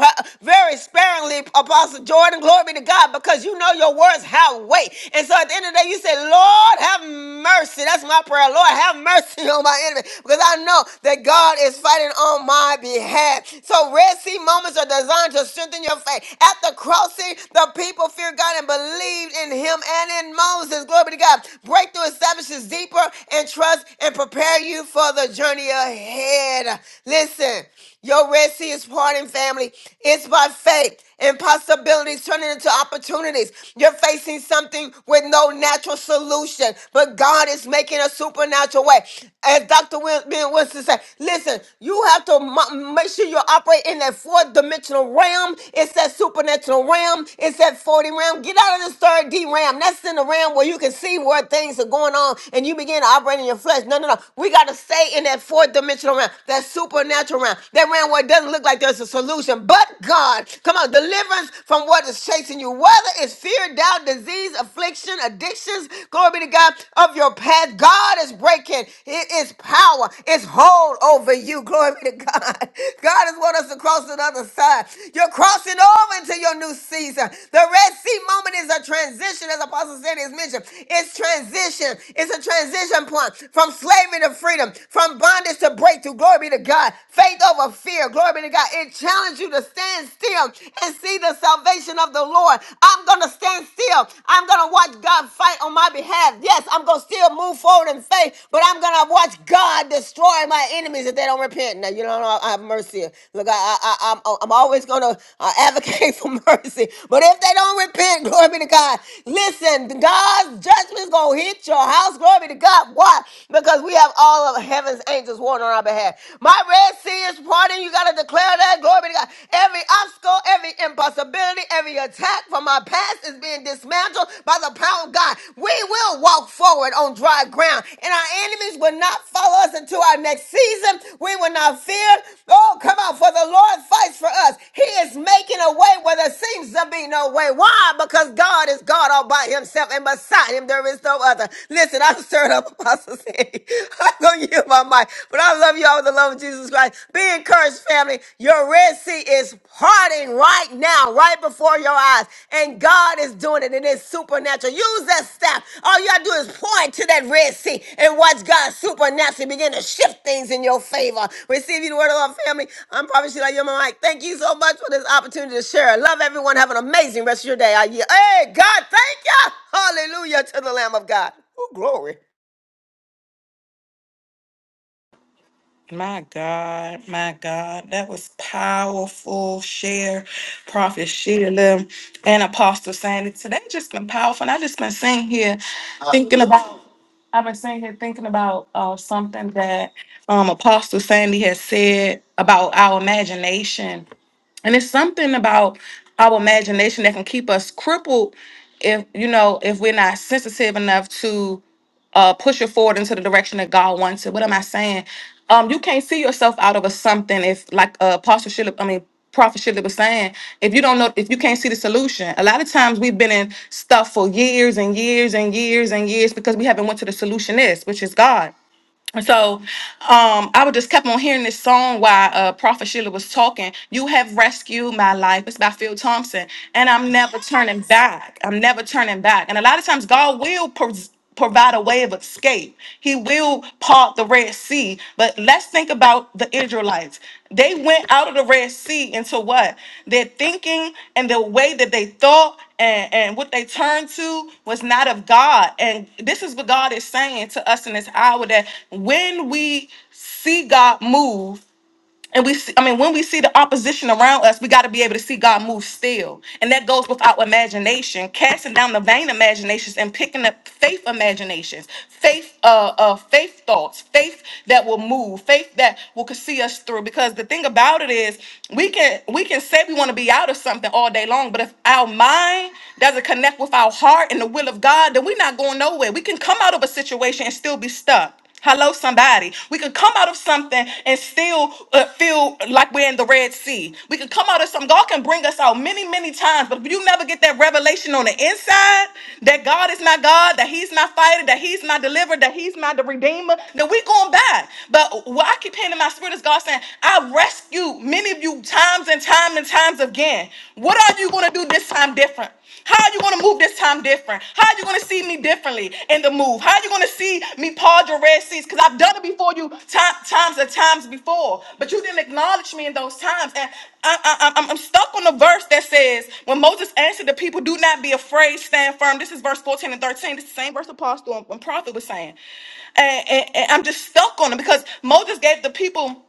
S7: very sparingly accordingly, Apostle Jordan. Glory be to God, because you know your words have weight. And so at the end of the day, you say, Lord, have mercy. That's my prayer. Lord, have mercy (laughs) on my enemy, because I know that God is fighting on my behalf. So Red Sea moments are designed to strengthen your faith. At the crossing, the people feared God and believed in Him and in Moses. Glory be to God. Breakthrough establishes deeper and trust and prepare you for the journey ahead. Listen, your Red Sea is parting, family. It's by faith. Impossibilities turning into opportunities. You're facing something with no natural solution, but God is making a supernatural way. As Dr. Wil- Ben Winston said, listen, you have to mo- make sure you operate in that fourth dimensional realm. It's that supernatural realm. It's that 40 realm. Get out of the third D realm. That's in the realm where you can see where things are going on and you begin to operate in your flesh. No, no, no. We got to stay in that fourth dimensional realm, that supernatural realm, that realm where it doesn't look like there's a solution. But God, come on, deliverance from what is chasing you, whether it's fear, doubt, disease, affliction, addictions, glory be to God, of your path. God is breaking it is power, it's hold over you. Glory be to God. (laughs) God has want us to cross to the other side. You're crossing over into your new season. The Red Sea moment is a transition, as Apostle Sandy has mentioned. It's transition. It's a transition point from slavery to freedom, from bondage to breakthrough. Glory be to God. God. Faith over fear. Glory be to God. It challenges you to stand still and see the salvation of the Lord. I'm going to stand still. I'm going to watch God fight on my behalf. Yes, I'm going to still move forward in faith, but I'm going to watch God destroy my enemies if they don't repent. Now, you don't know, I have mercy. Look, I, I, I, I'm, I'm always going to uh, advocate (laughs) for mercy, but if they don't repent, glory be to God. Listen, God's judgment's going to hit your house. Glory be to God. Why? Because we have all of heaven's angels angels water on our behalf. My Red Sea is parting. You got to declare that. Glory be to God. Every obstacle, every impossibility, every attack from my past is being dismantled by the power of God. We will walk forward on dry ground, and our enemies will not follow us into our next season. We will not fear. Oh, come on, for the Lord fights for us. He is making a way where there seems to be no way. Why? Because God is God all by himself, and beside him there is no other. Listen, I'm stirred up, (laughs) Apostle Sandy. (laughs) I'm gonna yield my mic. But I love you all with the love of Jesus Christ. Be encouraged, family. Your Red Sea is parting right now, right before your eyes. And God is doing it, and it's supernatural. Use that staff. All you gotta do is point to that Red Sea and watch God supernaturally begin to shift things in your favor. Receive you the word of love, family. I'm probably Sheila Yo mic. Thank you so much for this opportunity to share. Love everyone. Have an amazing rest of your day. I- yield. Hey, God, thank you. Hallelujah to the Lamb of God. Oh, glory.
S4: My God, my God, that was powerful. Share, Prophet Sheila, and Apostle Sandy. Today just been powerful, and I just been sitting here thinking about. I've been sitting here thinking about uh, something that um, Apostle Sandy has said about our imagination and it's something about our imagination that can keep us crippled if you know if we're not sensitive enough to. uh, push it forward into the direction that God wants it. What am I saying? Um, you can't see yourself out of a something if, like uh, Apostle Shillip, I mean, Prophet Shillip was saying, if you don't know, if you can't see the solution, a lot of times we've been in stuff for years and years and years and years because we haven't went to the solution is, which is God. So um, I would just kept on hearing this song while uh, Prophet Sheila was talking. You have rescued my life. It's by Phil Thompson. And I'm never turning back. I'm never turning back. And a lot of times God will pros- provide a way of escape. He will part the Red Sea. But but let's think about the Israelites. They went out of the Red Sea into what? Their thinking and the way that they thought and, and what they turned to was not of God. And this is what God is saying to us in this hour that when we see God move, and we see, I mean, when we see the opposition around us, we got to be able to see God move still. And that goes with our imagination, casting down the vain imaginations and picking up faith imaginations, faith, uh, uh, faith thoughts, faith that will move, faith that will could see us through. Because the thing about it is, we can we can say we want to be out of something all day long, but if our mind doesn't connect with our heart and the will of God, then we're not going nowhere. We can come out of a situation and still be stuck. Hello, somebody. We could come out of something and still uh, feel like we're in the Red Sea. We could come out of something. God can bring us out many, many times, but if you never get that revelation on the inside that God is not God, that He's not fighting, that He's not delivered, that He's not the Redeemer, then we're going back. But what I keep hearing in my spirit is God saying, I rescued many of you times and time and times again. What are you going to do this time different? How are you going to move this time different? How are you going to see me differently in the move? How are you going to see me pause your red seas? Because I've done it before you ti- times and times before, but you didn't acknowledge me in those times. And I, I, I'm I'm stuck on the verse that says, when Moses answered the people, do not be afraid, stand firm. This is verse 14 and 13. This is the same verse Apostle and and Prophet was saying. And, and, and I'm just stuck on it because Moses gave the people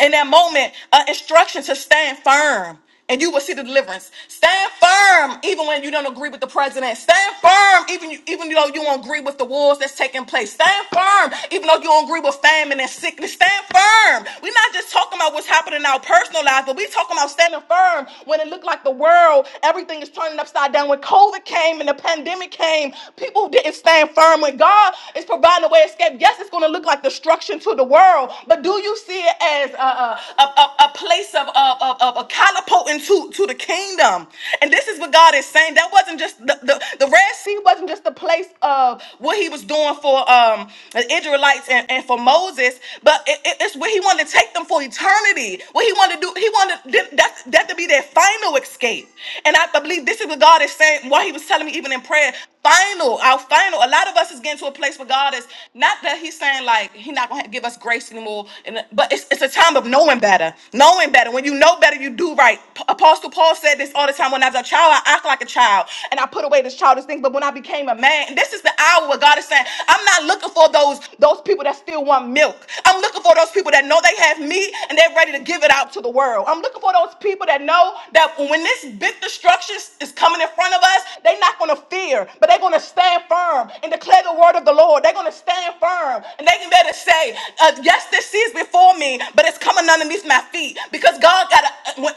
S4: in that moment uh, instruction to stand firm and you will see the deliverance stand firm even when you don't agree with the president stand firm even you, even though you don't agree with the wars that's taking place stand firm even though you don't agree with famine and sickness stand firm we're not just talking about what's happening in our personal lives but we're talking about standing firm when it looked like the world everything is turning upside down when covid came and the pandemic came people didn't stand firm when god is providing a way landscape. Yes, it's going to look like destruction to the world, but do you see it as a, a, a, a- a place of, of, of, of a catapulting to, to the kingdom? And this is what God is saying. That wasn't just the, the, the Red Sea wasn't just the place of what he was doing for um, the Israelites and, and for Moses, but it, it- it's where he wanted to take them for eternity. What he wanted to do, he wanted that, that to be their final escape. And I believe this is what God is saying, why he was telling me even even in prayer, final, our final. A lot of us is getting to a place where God is not that He's saying like He's not gonna give us grace anymore, and but it's it's a time of knowing better, knowing better. When you know better, you do right. P- Apostle Paul said this all the time. When I was a child, I act like a child, and I put away this childish thing. But when I became a man, and this is the hour where God is saying, I'm not looking for those those people that still want milk. I'm looking for those people that know they have meat and they're ready to give it out to the world. I'm looking for those people that know know that when this big destruction is coming in front of us, they're not going to fear, but they're going to stand firm and declare the word of the Lord. They're going to stand firm and they can better say, uh, Yes, this sea is before me, but it's coming underneath my feet because God got to. When,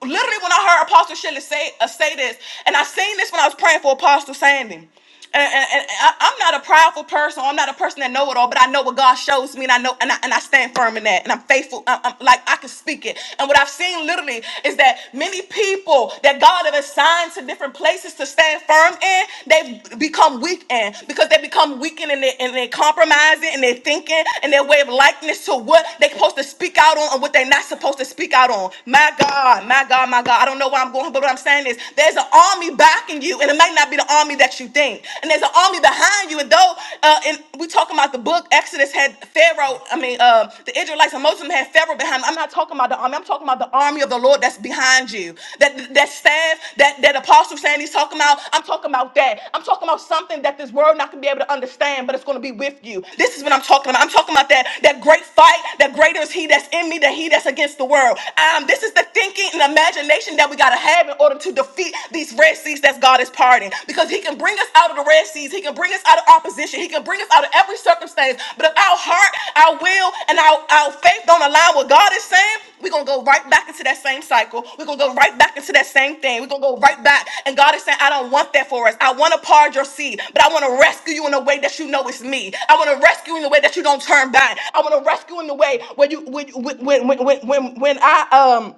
S4: Literally, when I heard Apostle Shelley say uh, say this, and I seen this when I was praying for Apostle Sandy and, and- and I, I'm not a prideful person. I'm not a person that know it all, but I know what God shows me, and I know, and I, and I stand firm in that, and I'm faithful. I, am like I can speak it. And what I've seen literally is that many people that God have assigned to different places to stand firm in, they've become weak in because they become weakened in their in their compromising and their thinking and their way of likeness to what they're supposed to speak out on and what they're not supposed to speak out on. My God, my God, my God. I don't know where I'm going, but what I'm saying is there's an army backing attacking you, and it might not be the army that you think. And there's an army behind you. And though, uh, and we talking about the book Exodus had Pharaoh. I mean, uh, the Israelites and most of them had Pharaoh behind. Them. I'm not talking about the army. I'm talking about the army of the Lord that's behind you. That that staff, that that apostle saying he's talking about. I'm talking about that. I'm talking about something that this world not gonna be able to understand, but it's gonna be with you. This is what I'm talking about. I'm talking about that that great fight. That greater is He that's in me than He that's against the world. Um, this is the thinking and imagination that we gotta have have in order to defeat these Red Seas that God is parting. Because He can bring us out of the Red Seas, He can bring us out of opposition, He can bring us out of every circumstance. But if our heart, our will, and our, our faith don't align with God is saying, we're gonna go right back into that same cycle. We're gonna go right back into that same thing. We're gonna go right back. And God is saying, I don't want that for us. I wanna part your seed, but I wanna rescue you in a way that you know it's me. I wanna rescue you in a way that you don't turn back. I wanna rescue in the way where you when when when when when, when I um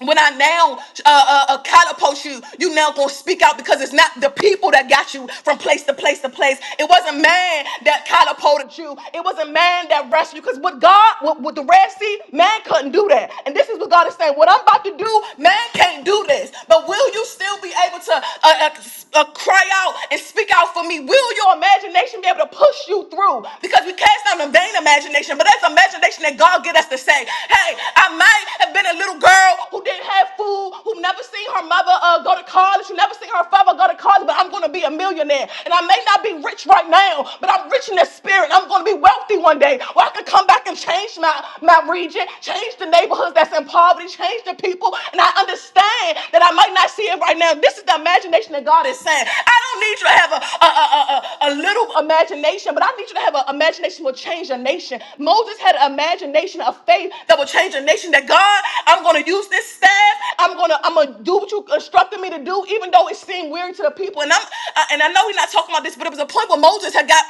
S4: when I now uh, uh, uh, catapult you, you now gonna speak out because it's not the people that got you from place to place to place. It wasn't man that catapulted you. It wasn't man that rescued you. Because what God, what with the Red Sea, man couldn't do that. And this is what God is saying. What I'm about to do, man can't do this. But will you still be able to uh, uh, uh, cry out and speak out for me? Will your imagination be able to push you through? Because we cast down the vain imagination, but that's imagination that God get us to say, hey, I might have been a little girl who didn't have food, who never seen her mother uh, go to college, who never seen her father go to college, but I'm going to be a millionaire. And I may not be rich right now, but I'm rich in the spirit. I'm going to be wealthy one day where I can come back and change my, my region, change the neighborhoods that's in poverty, change the people. And I understand that I might not see it right now. This is the imagination that God is saying. I don't need your need you to have a, a, a, a, a little imagination, but I need you to have an imagination that will change a nation. Moses had an imagination of faith that will change a nation. That God, I'm going to use this staff. I'm going to I'm going to do what you instructed me to do, even though it seemed weird to the people. And I'm uh, and I know we're not talking about this, but it was a point where Moses had got.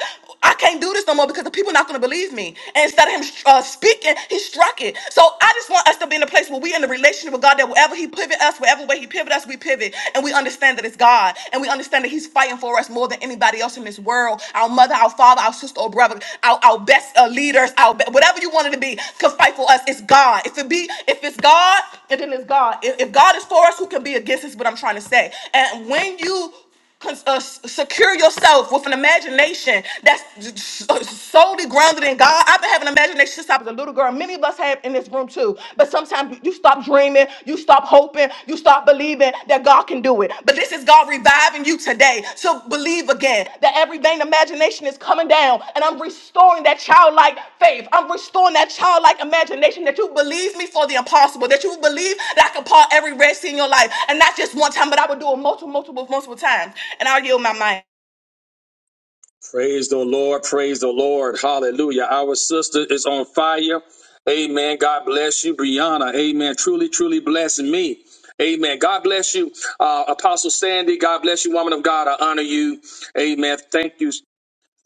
S4: I can't do this no more because the people are not going to believe me. And instead of him uh, speaking, he struck it. So I just want us to be in a place where we in a relationship with God that that wherever he pivot us, wherever way he pivot us, we pivot. And we understand that it's God. And we understand that he's fighting for us more than anybody else in this world. Our mother, our father, our sister or brother, our, our best uh, leaders, our be- whatever you wanted to be, could fight for us. It's God. If it be, if it's God, and then it's God. If, if God is for us, who can be against us? What I'm trying to say. And when you Cons- uh, s- secure yourself with an imagination that's s- solely grounded in God. I've been having imagination since I was a little girl. Many of us have in this room too. But sometimes you stop dreaming, you stop hoping, you stop believing that God can do it. But this is God reviving you today to believe again that every vain imagination is coming down and I'm restoring that childlike faith. I'm restoring that childlike imagination that you believe me for the impossible, that you believe that I can part every red sea in your life and not just one time, but I would do it multiple, multiple, multiple times. And I'll yield my mind.
S8: Praise the Lord. Praise the Lord. Hallelujah. Our sister is on fire. Amen. God bless you, Brianna. Amen. Truly, truly blessing me. Amen. God bless you, uh, Apostle Sandy. God bless you, woman of God. I honor you. Amen. Thank you.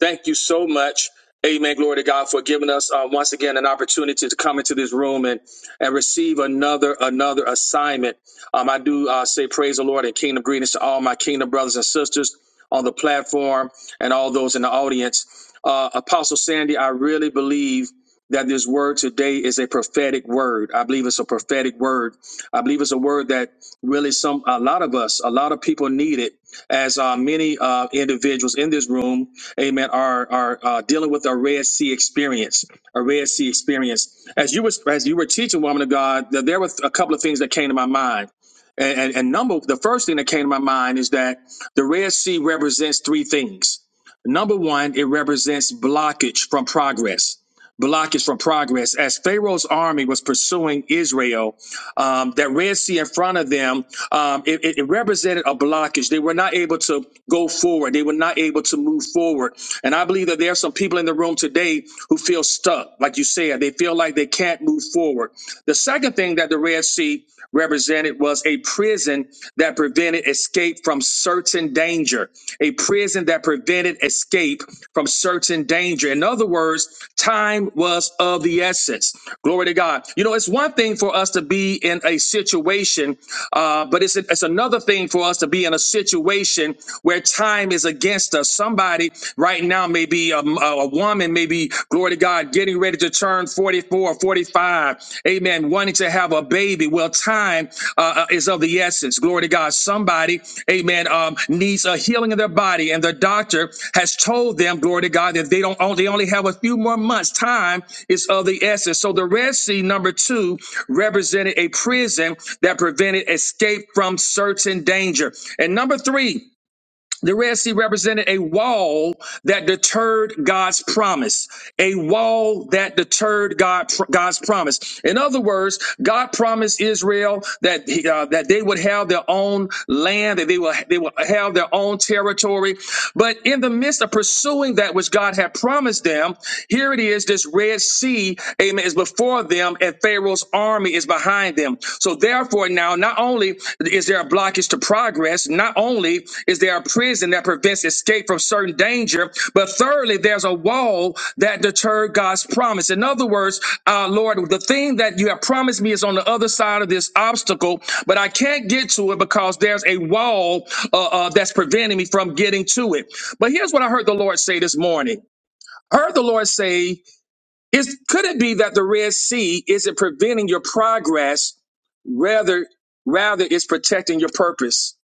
S8: Thank you so much. Amen. Glory to God for giving us uh, once again an opportunity to come into this room and and receive another another assignment. Um, I do uh, say praise the Lord and kingdom greetings to all my kingdom brothers and sisters on the platform and all those in the audience. Uh, Apostle Sandy, I really believe that this word today is a prophetic word. I believe it's a prophetic word. I believe it's a word that really some a lot of us, a lot of people need it as uh, many uh, individuals in this room, amen, are are uh, dealing with a Red Sea experience, a Red Sea experience. As you were as you were teaching, woman of God, th- there were a couple of things that came to my mind. And, and, and number the first thing that came to my mind is that the Red Sea represents three things. Number one, it represents blockage from progress blockage from progress. As Pharaoh's army was pursuing Israel, um, that Red Sea in front of them, um, it, it it represented a blockage. They were not able to go forward. They were not able to move forward. And I believe that there are some people in the room today who feel stuck, like you said. They feel like they can't move forward. The second thing that the Red Sea represented was a prison that prevented escape from certain danger, a prison that prevented escape from certain danger. In other words, time was of the essence. Glory to God. You know, it's one thing for us to be in a situation, uh, but it's, it's another thing for us to be in a situation where time is against us. Somebody right now may be a, a, woman may be, glory to God, getting ready to turn 44 or 45, amen, wanting to have a baby. Well, time uh, uh, is of the essence. Glory to God. Somebody, amen, um, needs a healing of their body, and the doctor has told them, glory to God, that they don't oh, they only have a few more months. Time is of the essence. So the Red Sea number two represented a prison that prevented escape from certain danger. And number three. The Red Sea represented a wall that deterred God's promise. A wall that deterred God, God's promise. In other words, God promised Israel that he- uh, that they would have their own land, that they will they will have their own territory. But in the midst of pursuing that which God had promised them, here it is: this Red Sea, Amen, is before them, and Pharaoh's army is behind behind them. So therefore, now not only is there a blockage to progress, not only is there a prison that prevents escape from certain danger, but thirdly, there's a wall that deterred God's promise. In other words, uh, Lord, the thing that you have promised me is on the other side of this obstacle, but I can't get to it because there's a wall uh, uh, that's preventing me from getting to it. But here's what I heard the Lord say this morning. I heard the Lord say, is, could it be that the Red Sea isn't preventing your progress Rather, rather it's protecting your purpose.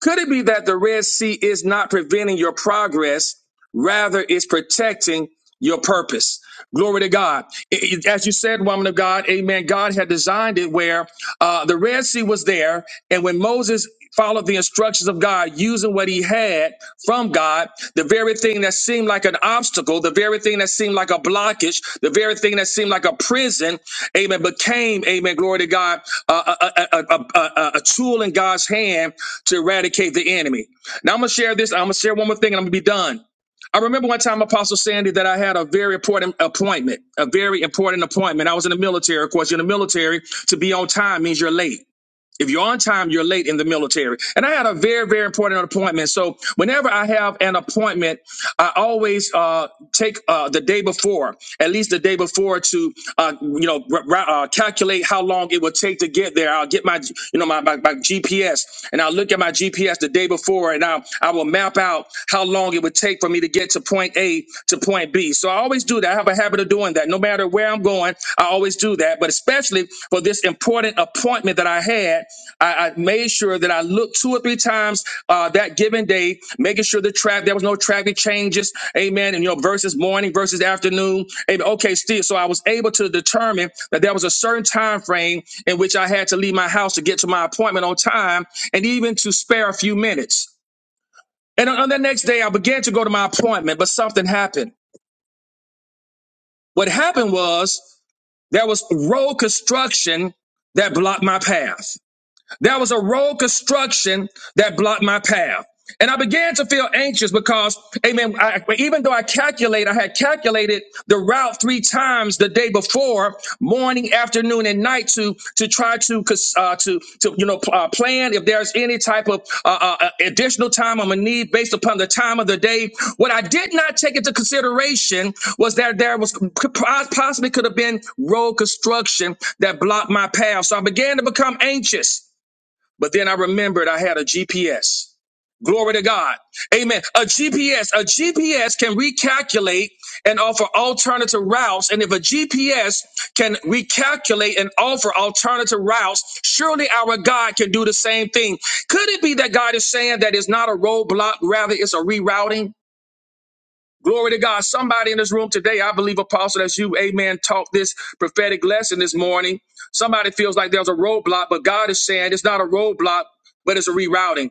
S8: Could it be that the Red Sea is not preventing your progress, rather it's protecting your purpose? Glory to God. It- it- as you said, woman of God, amen. God had designed it where uh, the Red Sea was there. And when Moses followed the instructions of God, using what he had from God, the very thing that seemed like an obstacle, the very thing that seemed like a blockage, the very thing that seemed like a prison, amen, became, amen, glory to God, uh, a, a, a, a, a a tool in God's hand to eradicate the enemy. Now I'm going to share this. I'm going to share one more thing and I'm going to be done. I remember one time, Apostle Sandy, that I had a very important appointment, a very important appointment. I was in the military. Of course, you're in the military. To be on time means you're late. If you're on time, you're late in the military. And I had a very, very important appointment. So whenever I have an appointment, I always uh, take uh, the day before, at least the day before, to uh, you know r- r- uh, calculate how long it will take to get there. I'll get my you know my, my, my GPS and I'll look at my GPS the day before, and I I will map out how long it would take for me to get to point A to point B. So I always do that. I have a habit habit of doing that. No matter where I'm going, I always do that. But especially for this important appointment that I had, I, I made sure that I looked two or three times uh, that given day, making sure the traffic there was no traffic changes. Amen. And you know, versus morning versus afternoon. Amen. Okay, still. So I was able to determine that there was a certain time frame in which I had to leave my house to get to my appointment on time, and even to spare a few minutes. And on on the next day, I began to go to my appointment, but something happened. What happened was There was road construction that blocked my path. There was a road construction that blocked my path. And I began to feel anxious because, amen, I, even though I calculate, I had calculated the route three times the day before, morning, afternoon, and night to, to try to, uh, to, to, you know, pl- uh, plan if there's any type of uh, uh, uh, additional time I'm going to need based upon the time of the day. What I did not take into consideration was that there was could pos- possibly could have been road construction that blocked my path. So I began to become anxious. But then I remembered I had a GPS. Glory to God. Amen. A GPS, a GPS can recalculate and offer alternative routes. And if a GPS can recalculate and offer alternative routes, surely our God can do the same thing. Could it be that God is saying that it's not a roadblock, rather it's a rerouting? Glory to God. Somebody in this room today, I believe, Apostle, that's you, amen, taught this prophetic lesson this morning. Somebody feels like there's a roadblock, but God is saying it's not a roadblock, but it's a rerouting.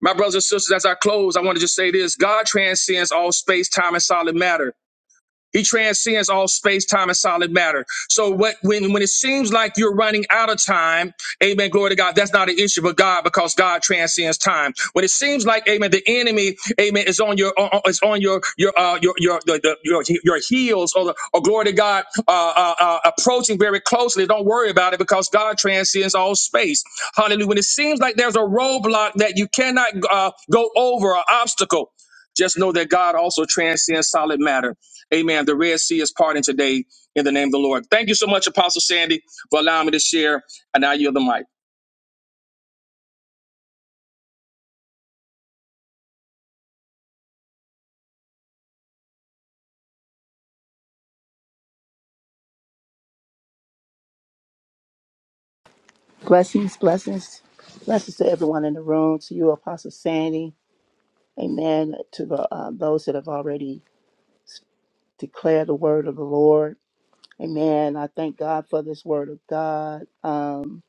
S8: My brothers and sisters, as I close, I want to just say this God transcends all space, time, and solid matter. He transcends all space, time, and solid matter. So what when when it seems like you're running out of time, amen, glory to God, that's not an issue with God because God transcends time. When it seems like, amen, the enemy, amen, is on your on, is on your your uh your your the, the, your your heels or the, or glory to God uh, uh uh approaching very closely, don't worry about it because God transcends all space. Hallelujah. When it seems like there's a roadblock that you cannot uh, go over, an obstacle, just know that God also transcends solid matter. Amen. The Red Sea is parting today in the name of the Lord. Thank you so much, Apostle Sandy, for allowing me to share. And now you have the mic.
S9: Blessings, blessings, blessings to everyone in the room, to you, Apostle Sandy. Amen. To the, uh, those that have already declared the word of the Lord. Amen. I thank God for this word of God. Um,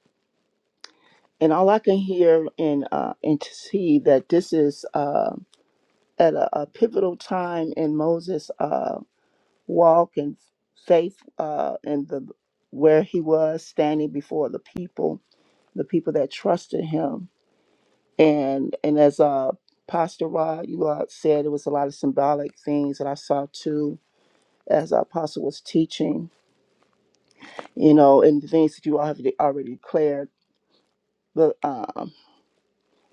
S9: and all I can hear and uh, and to see that this is uh, at a, a pivotal time in Moses' uh, walk and faith uh, and the where he was standing before the people, the people that trusted him and and as uh pastor rod you all said it was a lot of symbolic things that i saw too as our apostle was teaching you know and the things that you all have de- already declared but um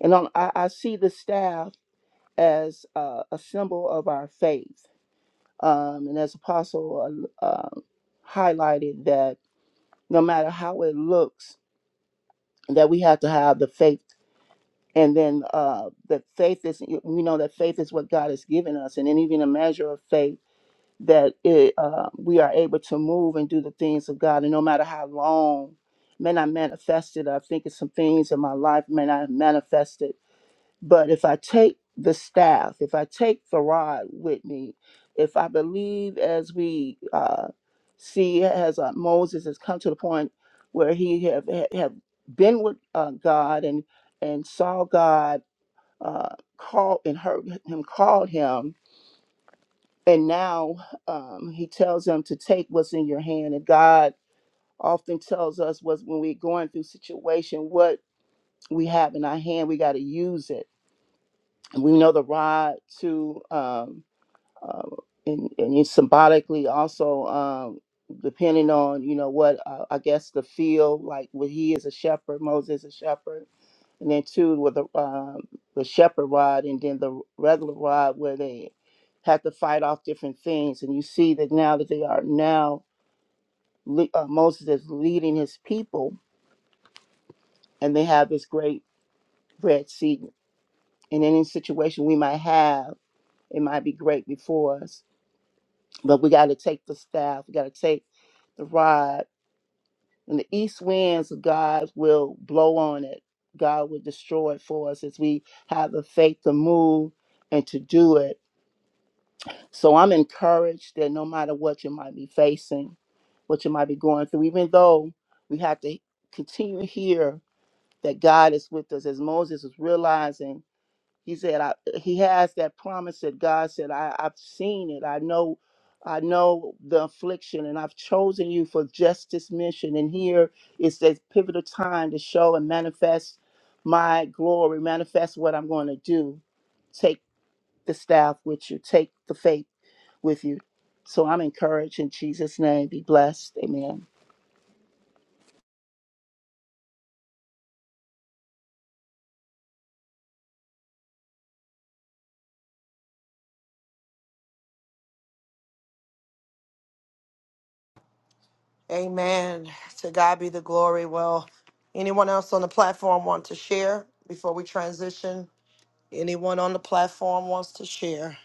S9: and on, I, I see the staff as uh, a symbol of our faith um and as apostle uh, um highlighted that no matter how it looks that we have to have the faith and then uh the faith is we know that faith is what god has given us and then even a measure of faith that it, uh, we are able to move and do the things of God. And no matter how long, man, I manifested, I think it's some things in my life, man, I manifested. But if I take the staff, if I take the rod with me, if I believe as we uh, see as uh, Moses has come to the point where he have, have been with uh, God and, and saw God uh, call and heard him called him, and now um, he tells them to take what's in your hand. And God often tells us was when we're going through situation, what we have in our hand, we got to use it. And we know the rod to, um, uh, and, and it's symbolically also um, depending on, you know, what uh, I guess the field, like what he is a shepherd, Moses is a shepherd and then two with the um, the shepherd rod, and then the regular rod where they had to fight off different things. And you see that now that they are now le- uh, Moses is leading his people, and they have this great red sea. And any situation we might have, it might be great before us, but we got to take the staff, we got to take the rod, and the east winds of God will blow on it. God will destroy it for us as we have the faith to move and to do it So I'm encouraged that no matter what you might be facing, what you might be going through, even though we have to continue to hear that God is with us, as Moses was realizing, he said, I, he has that promise that God said, I, I've seen it. I know, I know the affliction, and I've chosen you for just this mission. And here is this pivotal time to show and manifest my glory, manifest what I'm going to do. Take the staff with you, take the faith with you. So I'm encouraged in Jesus' name. Be blessed. Amen.
S1: Amen. To God be the glory. Well, anyone else on the platform want to share before we transition? Anyone on the platform wants to share?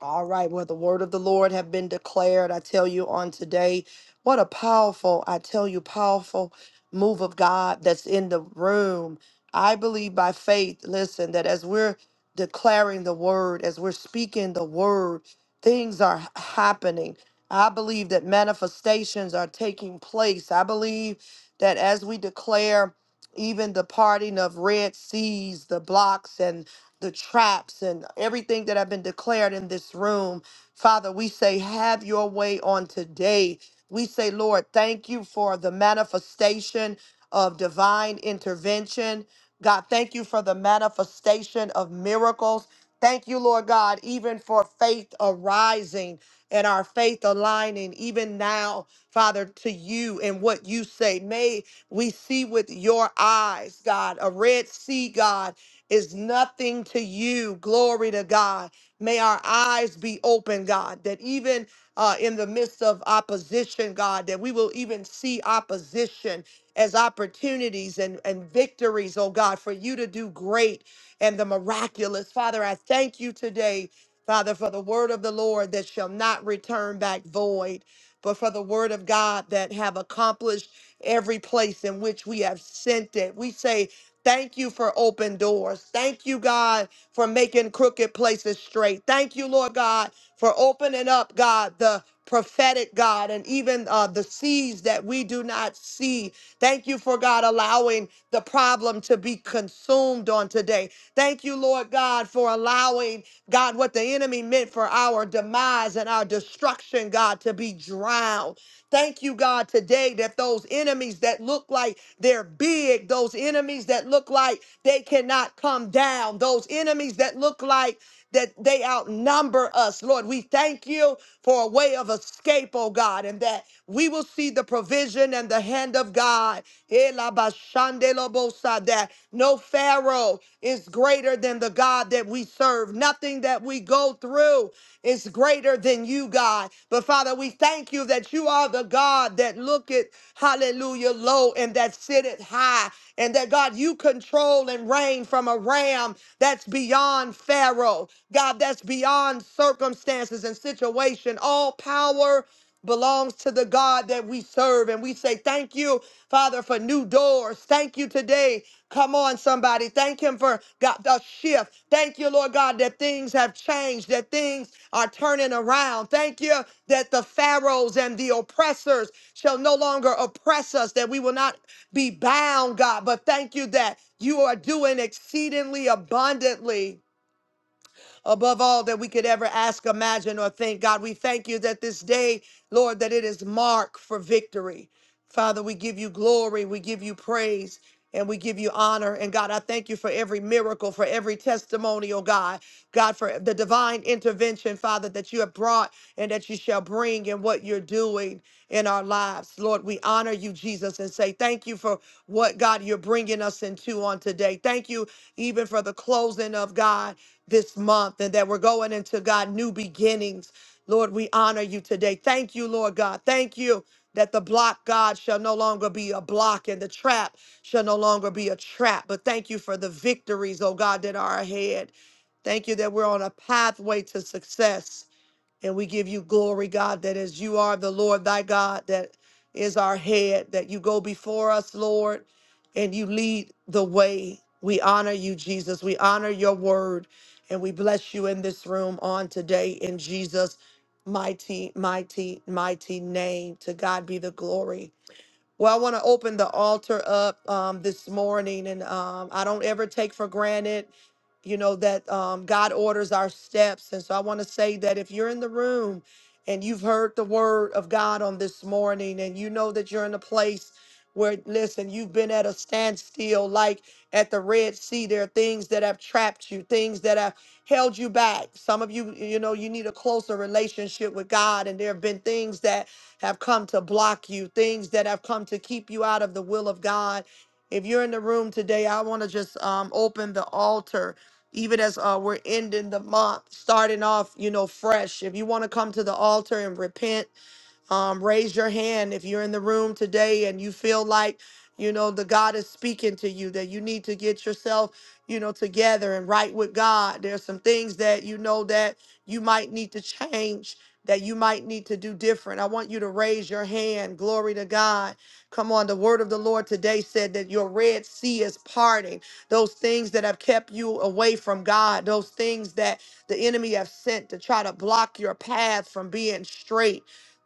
S1: All right, well, the word of the Lord have been declared. I tell you on today, what a powerful, I tell you, powerful move of God that's in the room. I believe by faith, listen, that as we're declaring the word, as we're speaking the word, things are h- happening. I believe that manifestations are taking place. I believe that as we declare even the parting of red seas, the blocks and the traps and everything that have been declared in this room. Father, we say, have your way on today. We say, Lord, thank you for the manifestation of divine intervention. God, thank you for the manifestation of miracles. Thank you, Lord God, even for faith arising and our faith aligning, even now, Father, to you and what you say. May we see with your eyes, God, a red sea, God is nothing to you. Glory to God. May our eyes be open, God, that even uh, in the midst of opposition, God, that we will even see opposition as opportunities and, and victories, oh God, for you to do great and the miraculous. Father, I thank you today, Father, for the word of the Lord that shall not return back void, but for the word of God that have accomplished every place in which we have sent it. We say, Thank you for open doors. Thank you, God, for making crooked places straight. Thank you, Lord God, for opening up, God, the prophetic God and even uh, the seas that we do not see. Thank you for God allowing the problem to be consumed on today. Thank you, Lord God, for allowing God what the enemy meant for our demise and our destruction, God, to be drowned. Thank you, God, today that those enemies that look like they're big, those enemies that look like they cannot come down, those enemies that look like that they outnumber us, Lord. We thank you for a way of escape, oh God, and that we will see the provision and the hand of God. Ela bashande lo bosa, That no Pharaoh is greater than the God that we serve. Nothing that we go through is greater than you, God. But Father, we thank you that you are the God that looketh, hallelujah, low and that sitteth high. And that God, you control and reign from a ram that's beyond Pharaoh, God, that's beyond circumstances and situation. All power belongs to the God that we serve. And we say, Thank you, Father, for new doors. Thank you today Come on, somebody. Thank Him for God, the shift. Thank you, Lord God, that things have changed, that things are turning around. Thank you that the pharaohs and the oppressors shall no longer oppress us, that we will not be bound, God. But thank you that you are doing exceedingly abundantly above all that we could ever ask, imagine, or think. God, we thank you that this day, Lord, that it is marked for victory. Father, we give you glory, we give you praise. And we give you honor. And God, I thank you for every miracle, for every testimony, oh God. God, for the divine intervention, Father, that you have brought and that you shall bring in what you're doing in our lives. Lord, we honor you, Jesus, and say thank you for what, God, you're bringing us into on today. Thank you even for the closing of God this month and that we're going into God new beginnings. Lord, we honor you today. Thank you, Lord God. Thank you that the block, God, shall no longer be a block and the trap shall no longer be a trap. But thank you for the victories, oh God, that are ahead. Thank you that we're on a pathway to success. And we give you glory, God, that as you are the Lord thy God, that is our head, that you go before us, Lord, and you lead the way. We honor you, Jesus. We honor your word, and we bless you in this room on today in Jesus' mighty, mighty, mighty name. To God be the glory. Well, I want to open the altar up um, this morning, and um, I don't ever take for granted, you know, that um, God orders our steps. And so I want to say that if you're in the room and you've heard the word of God on this morning, and you know that you're in a place where, listen, you've been at a standstill, like at the Red Sea, there are things that have trapped you, things that have held you back. Some of you, you know, you need a closer relationship with God, and there have been things that have come to block you, things that have come to keep you out of the will of God. If you're in the room today, I want to just um, open the altar. Even as uh, we're ending the month, starting off, you know, fresh. If you want to come to the altar and repent, um, raise your hand if you're in the room today and you feel like, you know, the God is speaking to you, that you need to get yourself, you know, together and right with God. There's some things that you know that you might need to change, that you might need to do different. I want you to raise your hand. Glory to God. Come on. The word of the Lord today said that your Red Sea is parting. Those things that have kept you away from God, those things that the enemy have sent to try to block your path from being straight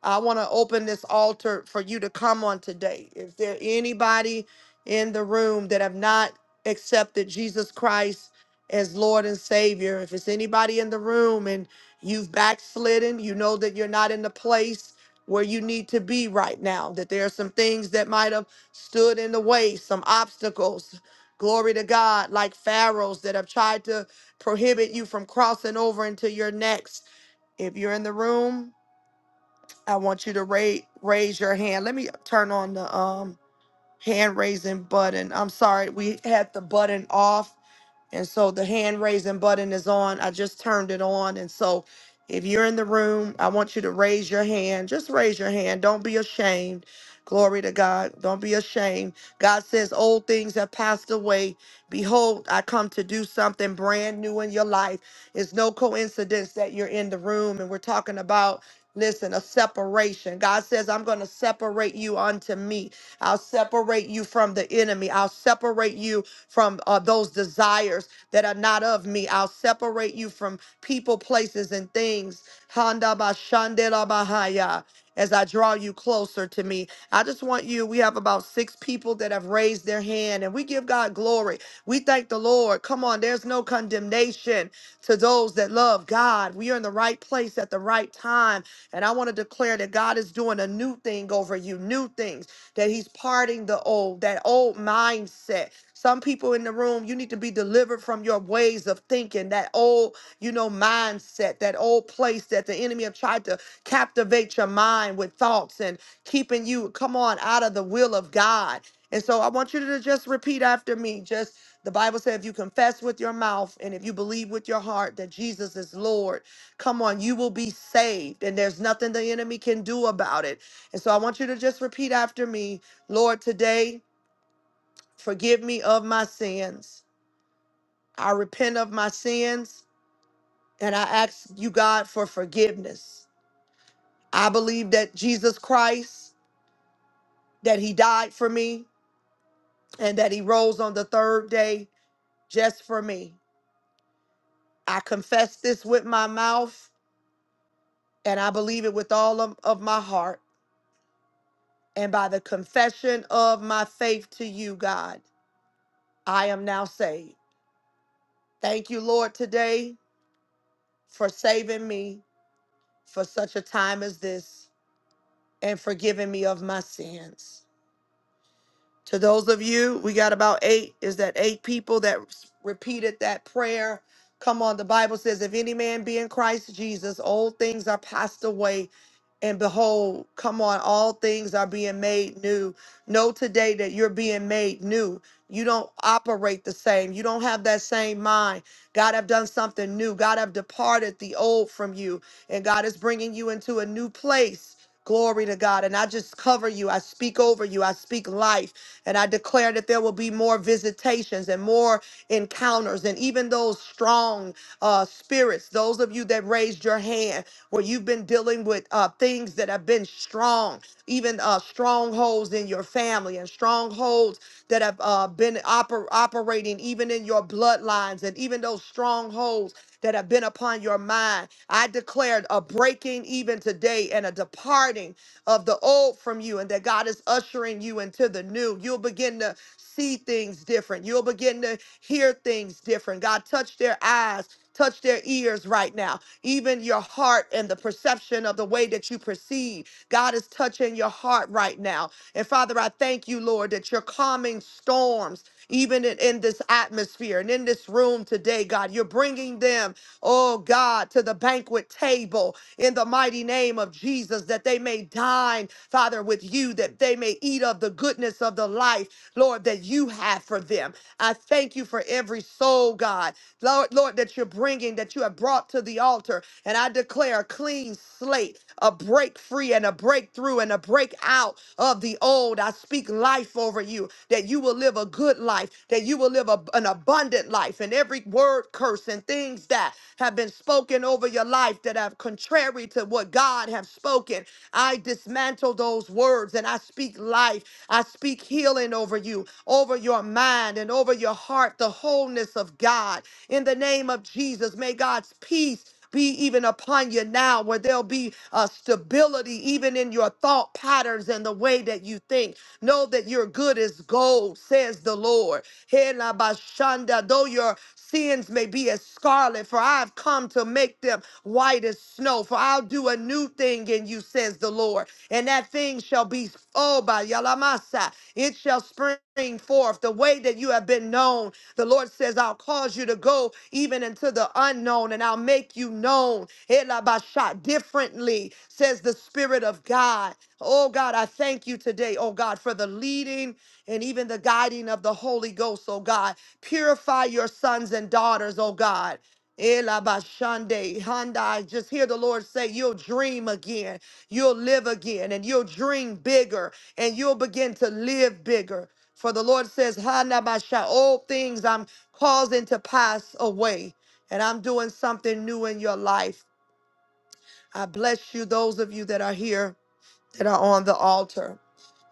S1: I want to open this altar for you to come on today. If there anybody in the room that have not accepted Jesus Christ as Lord and Savior, if it's anybody in the room and you've backslidden, you know that you're not in the place where you need to be right now, that there are some things that might have stood in the way, some obstacles. Glory to God, like pharaohs that have tried to prohibit you from crossing over into your next. If you're in the room I want you to raise raise your hand. Let me turn on the um hand raising button. I'm sorry, we had the button off. And so the hand raising button is on. I just turned it on. And so if you're in the room, I want you to raise your hand. Just raise your hand. Don't be ashamed. Glory to God. Don't be ashamed. God says, Old things have passed away. Behold, I come to do something brand new in your life. It's no coincidence that you're in the room and we're talking about. Listen, a separation. God says, I'm going to separate you unto me. I'll separate you from the enemy. I'll separate you from uh, those desires that are not of me. I'll separate you from people, places, and things. Handa ba shandela bahaya. As I draw you closer to me, I just want you. We have about six people that have raised their hand, and we give God glory. We thank the Lord. Come on, there's no condemnation to those that love God. We are in the right place at the right time. And I want to declare that God is doing a new thing over you, new things, that He's parting the old, that old mindset. Some people in the room, you need to be delivered from your ways of thinking, that old, you know, mindset, that old place that the enemy have tried to captivate your mind with thoughts and keeping you, come on, out of the will of God. And so I want you to just repeat after me. Just the Bible said, if you confess with your mouth and if you believe with your heart that Jesus is Lord, come on, you will be saved. And there's nothing the enemy can do about it. And so I want you to just repeat after me Lord, today. Forgive me of my sins. I repent of my sins and I ask you, God, for forgiveness. I believe that Jesus Christ, that he died for me and that he rose on the third day just for me. I confess this with my mouth and I believe it with all of, of my heart. And by the confession of my faith to you, God, I am now saved. Thank you, Lord, today for saving me for such a time as this. and forgiving me of my sins. To those of you, we got about eight, is that eight people that repeated that prayer? Come on, the Bible says, if any man be in Christ Jesus, old things are passed away. And behold, come on, all things are being made new. Know today that you're being made new. You don't operate the same. You don't have that same mind. God have done something new. God have departed the old from you. And God is bringing you into a new place. Glory to God. And I just cover you. I speak over you. I speak life. And I declare that there will be more visitations and more encounters. And even those strong uh, spirits, those of you that raised your hand, where you've been dealing with uh, things that have been strong, even uh, strongholds in your family and strongholds that have uh, been oper- operating even in your bloodlines and even those strongholds that have been upon your mind. I declared a breaking even today and a departing of the old from you and that God is ushering you into the new. You'll begin to see things different. You'll begin to hear things different. God, touch their eyes, touch their ears right now. Even your heart and the perception of the way that you perceive. God is touching your heart right now. And Father, I thank you, Lord, that you're calming storms, even in, in this atmosphere and in this room today, God. You're bringing them oh God, to the banquet table in the mighty name of Jesus, that they may dine, Father, with you, that they may eat of the goodness of the life, Lord, that you have for them. I thank you for every soul, God, Lord, Lord, that you're bringing, that you have brought to the altar. And I declare a clean slate, a break free and a breakthrough and a break out of the old. I speak life over you, that you will live a good life, that you will live a- an abundant life. And every word curse and things that have been spoken over your life that have contrary to what God have spoken, I dismantle those words and I speak life. I speak healing over you, over your mind and over your heart, the wholeness of God. In the name of Jesus, may God's peace be even upon you now, where there'll be a stability even in your thought patterns and the way that you think. Know that you're good as gold, says the Lord. Hela bashanda, Though your sins may be as scarlet, for I've come to make them white as snow. For I'll do a new thing in you, says the Lord. And that thing shall be, oh, by Yalamasa, it shall spring forth the way that you have been known the Lord says, I'll cause you to go even into the unknown and I'll make you known Elabasha, differently, says the Spirit of God. Oh God, I thank you today, oh God, for the leading and even the guiding of the Holy Ghost, oh God. Purify your sons and daughters, oh God. Elabashande, Handai, just hear the Lord say, You'll dream again, you'll live again, and you'll dream bigger, and you'll begin to live bigger. For the Lord says, Hanabasha, old things I'm causing to pass away, and I'm doing something new in your life. I bless you, those of you that are here that are on the altar.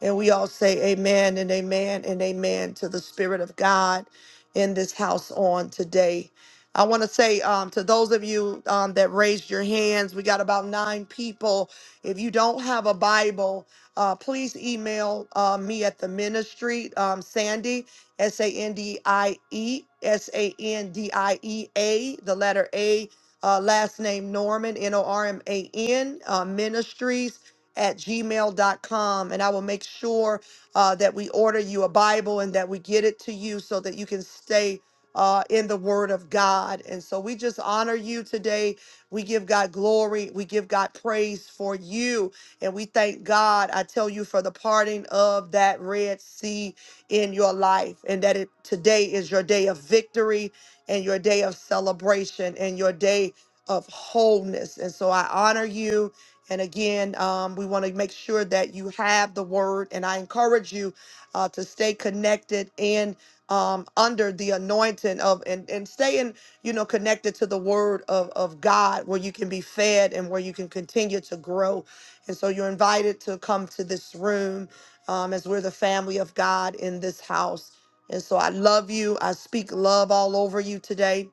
S1: And we all say amen and amen and amen to the Spirit of God in this house on today. I want to say um, to those of you um, that raised your hands, we got about nine people. If you don't have a Bible, uh, please email uh, me at the ministry, um, Sandy, S A N D I E, S A N D I E A, the letter A, uh, last name Norman, N O R M A N, uh, ministries at gmail dot com, and i will make sure uh, that we order you a bible and that we get it to you so that you can stay uh, in the word of god and so we just honor you today we give god glory we give god praise for you and we thank god i tell you for the parting of that red sea in your life and that it today is your day of victory and your day of celebration and your day of wholeness and so i honor you and again, um, we want to make sure that you have the word. And I encourage you uh, to stay connected and um, under the anointing of and, and stay in, you know, connected to the word of, of God where you can be fed and where you can continue to grow. And so you're invited to come to this room um, as we're the family of God in this house. And so I love you. I speak love all over you today.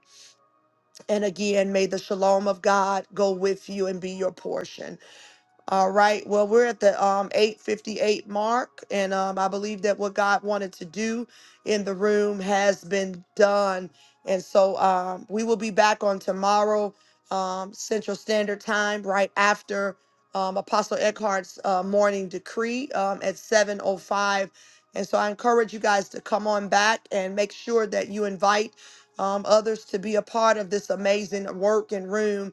S1: And again, may the shalom of God go with you and be your portion. All right. Well, we're at the um 858 mark and um I believe that what God wanted to do in the room has been done. And so um we will be back on tomorrow um Central Standard Time right after um Apostle Eckhart's uh, morning decree um at 7:05. And so I encourage you guys to come on back and make sure that you invite um, others to be a part of this amazing work and room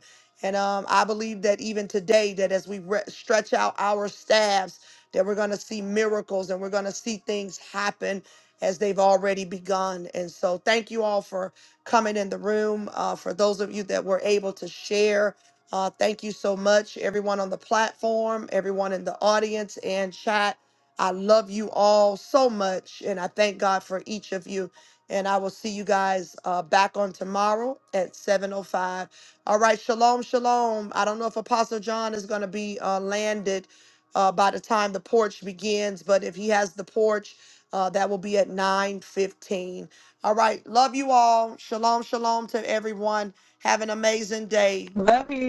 S1: and um, I believe that even today, that as we re- stretch out our staffs, that we're going to see miracles and we're going to see things happen as they've already begun. And so, thank you all for coming in the room. Uh, for those of you that were able to share, uh, thank you so much, everyone on the platform, everyone in the audience and chat. I love you all so much, and I thank God for each of you. And I will see you guys uh, back on tomorrow at 7:05 all right, shalom, shalom. I don't know if Apostle John is going to be uh, landed uh, by the time the porch begins, but if he has the porch, uh, that will be at 9:15. All right, love you all. Shalom, shalom to everyone. Have an amazing day.
S10: Love you.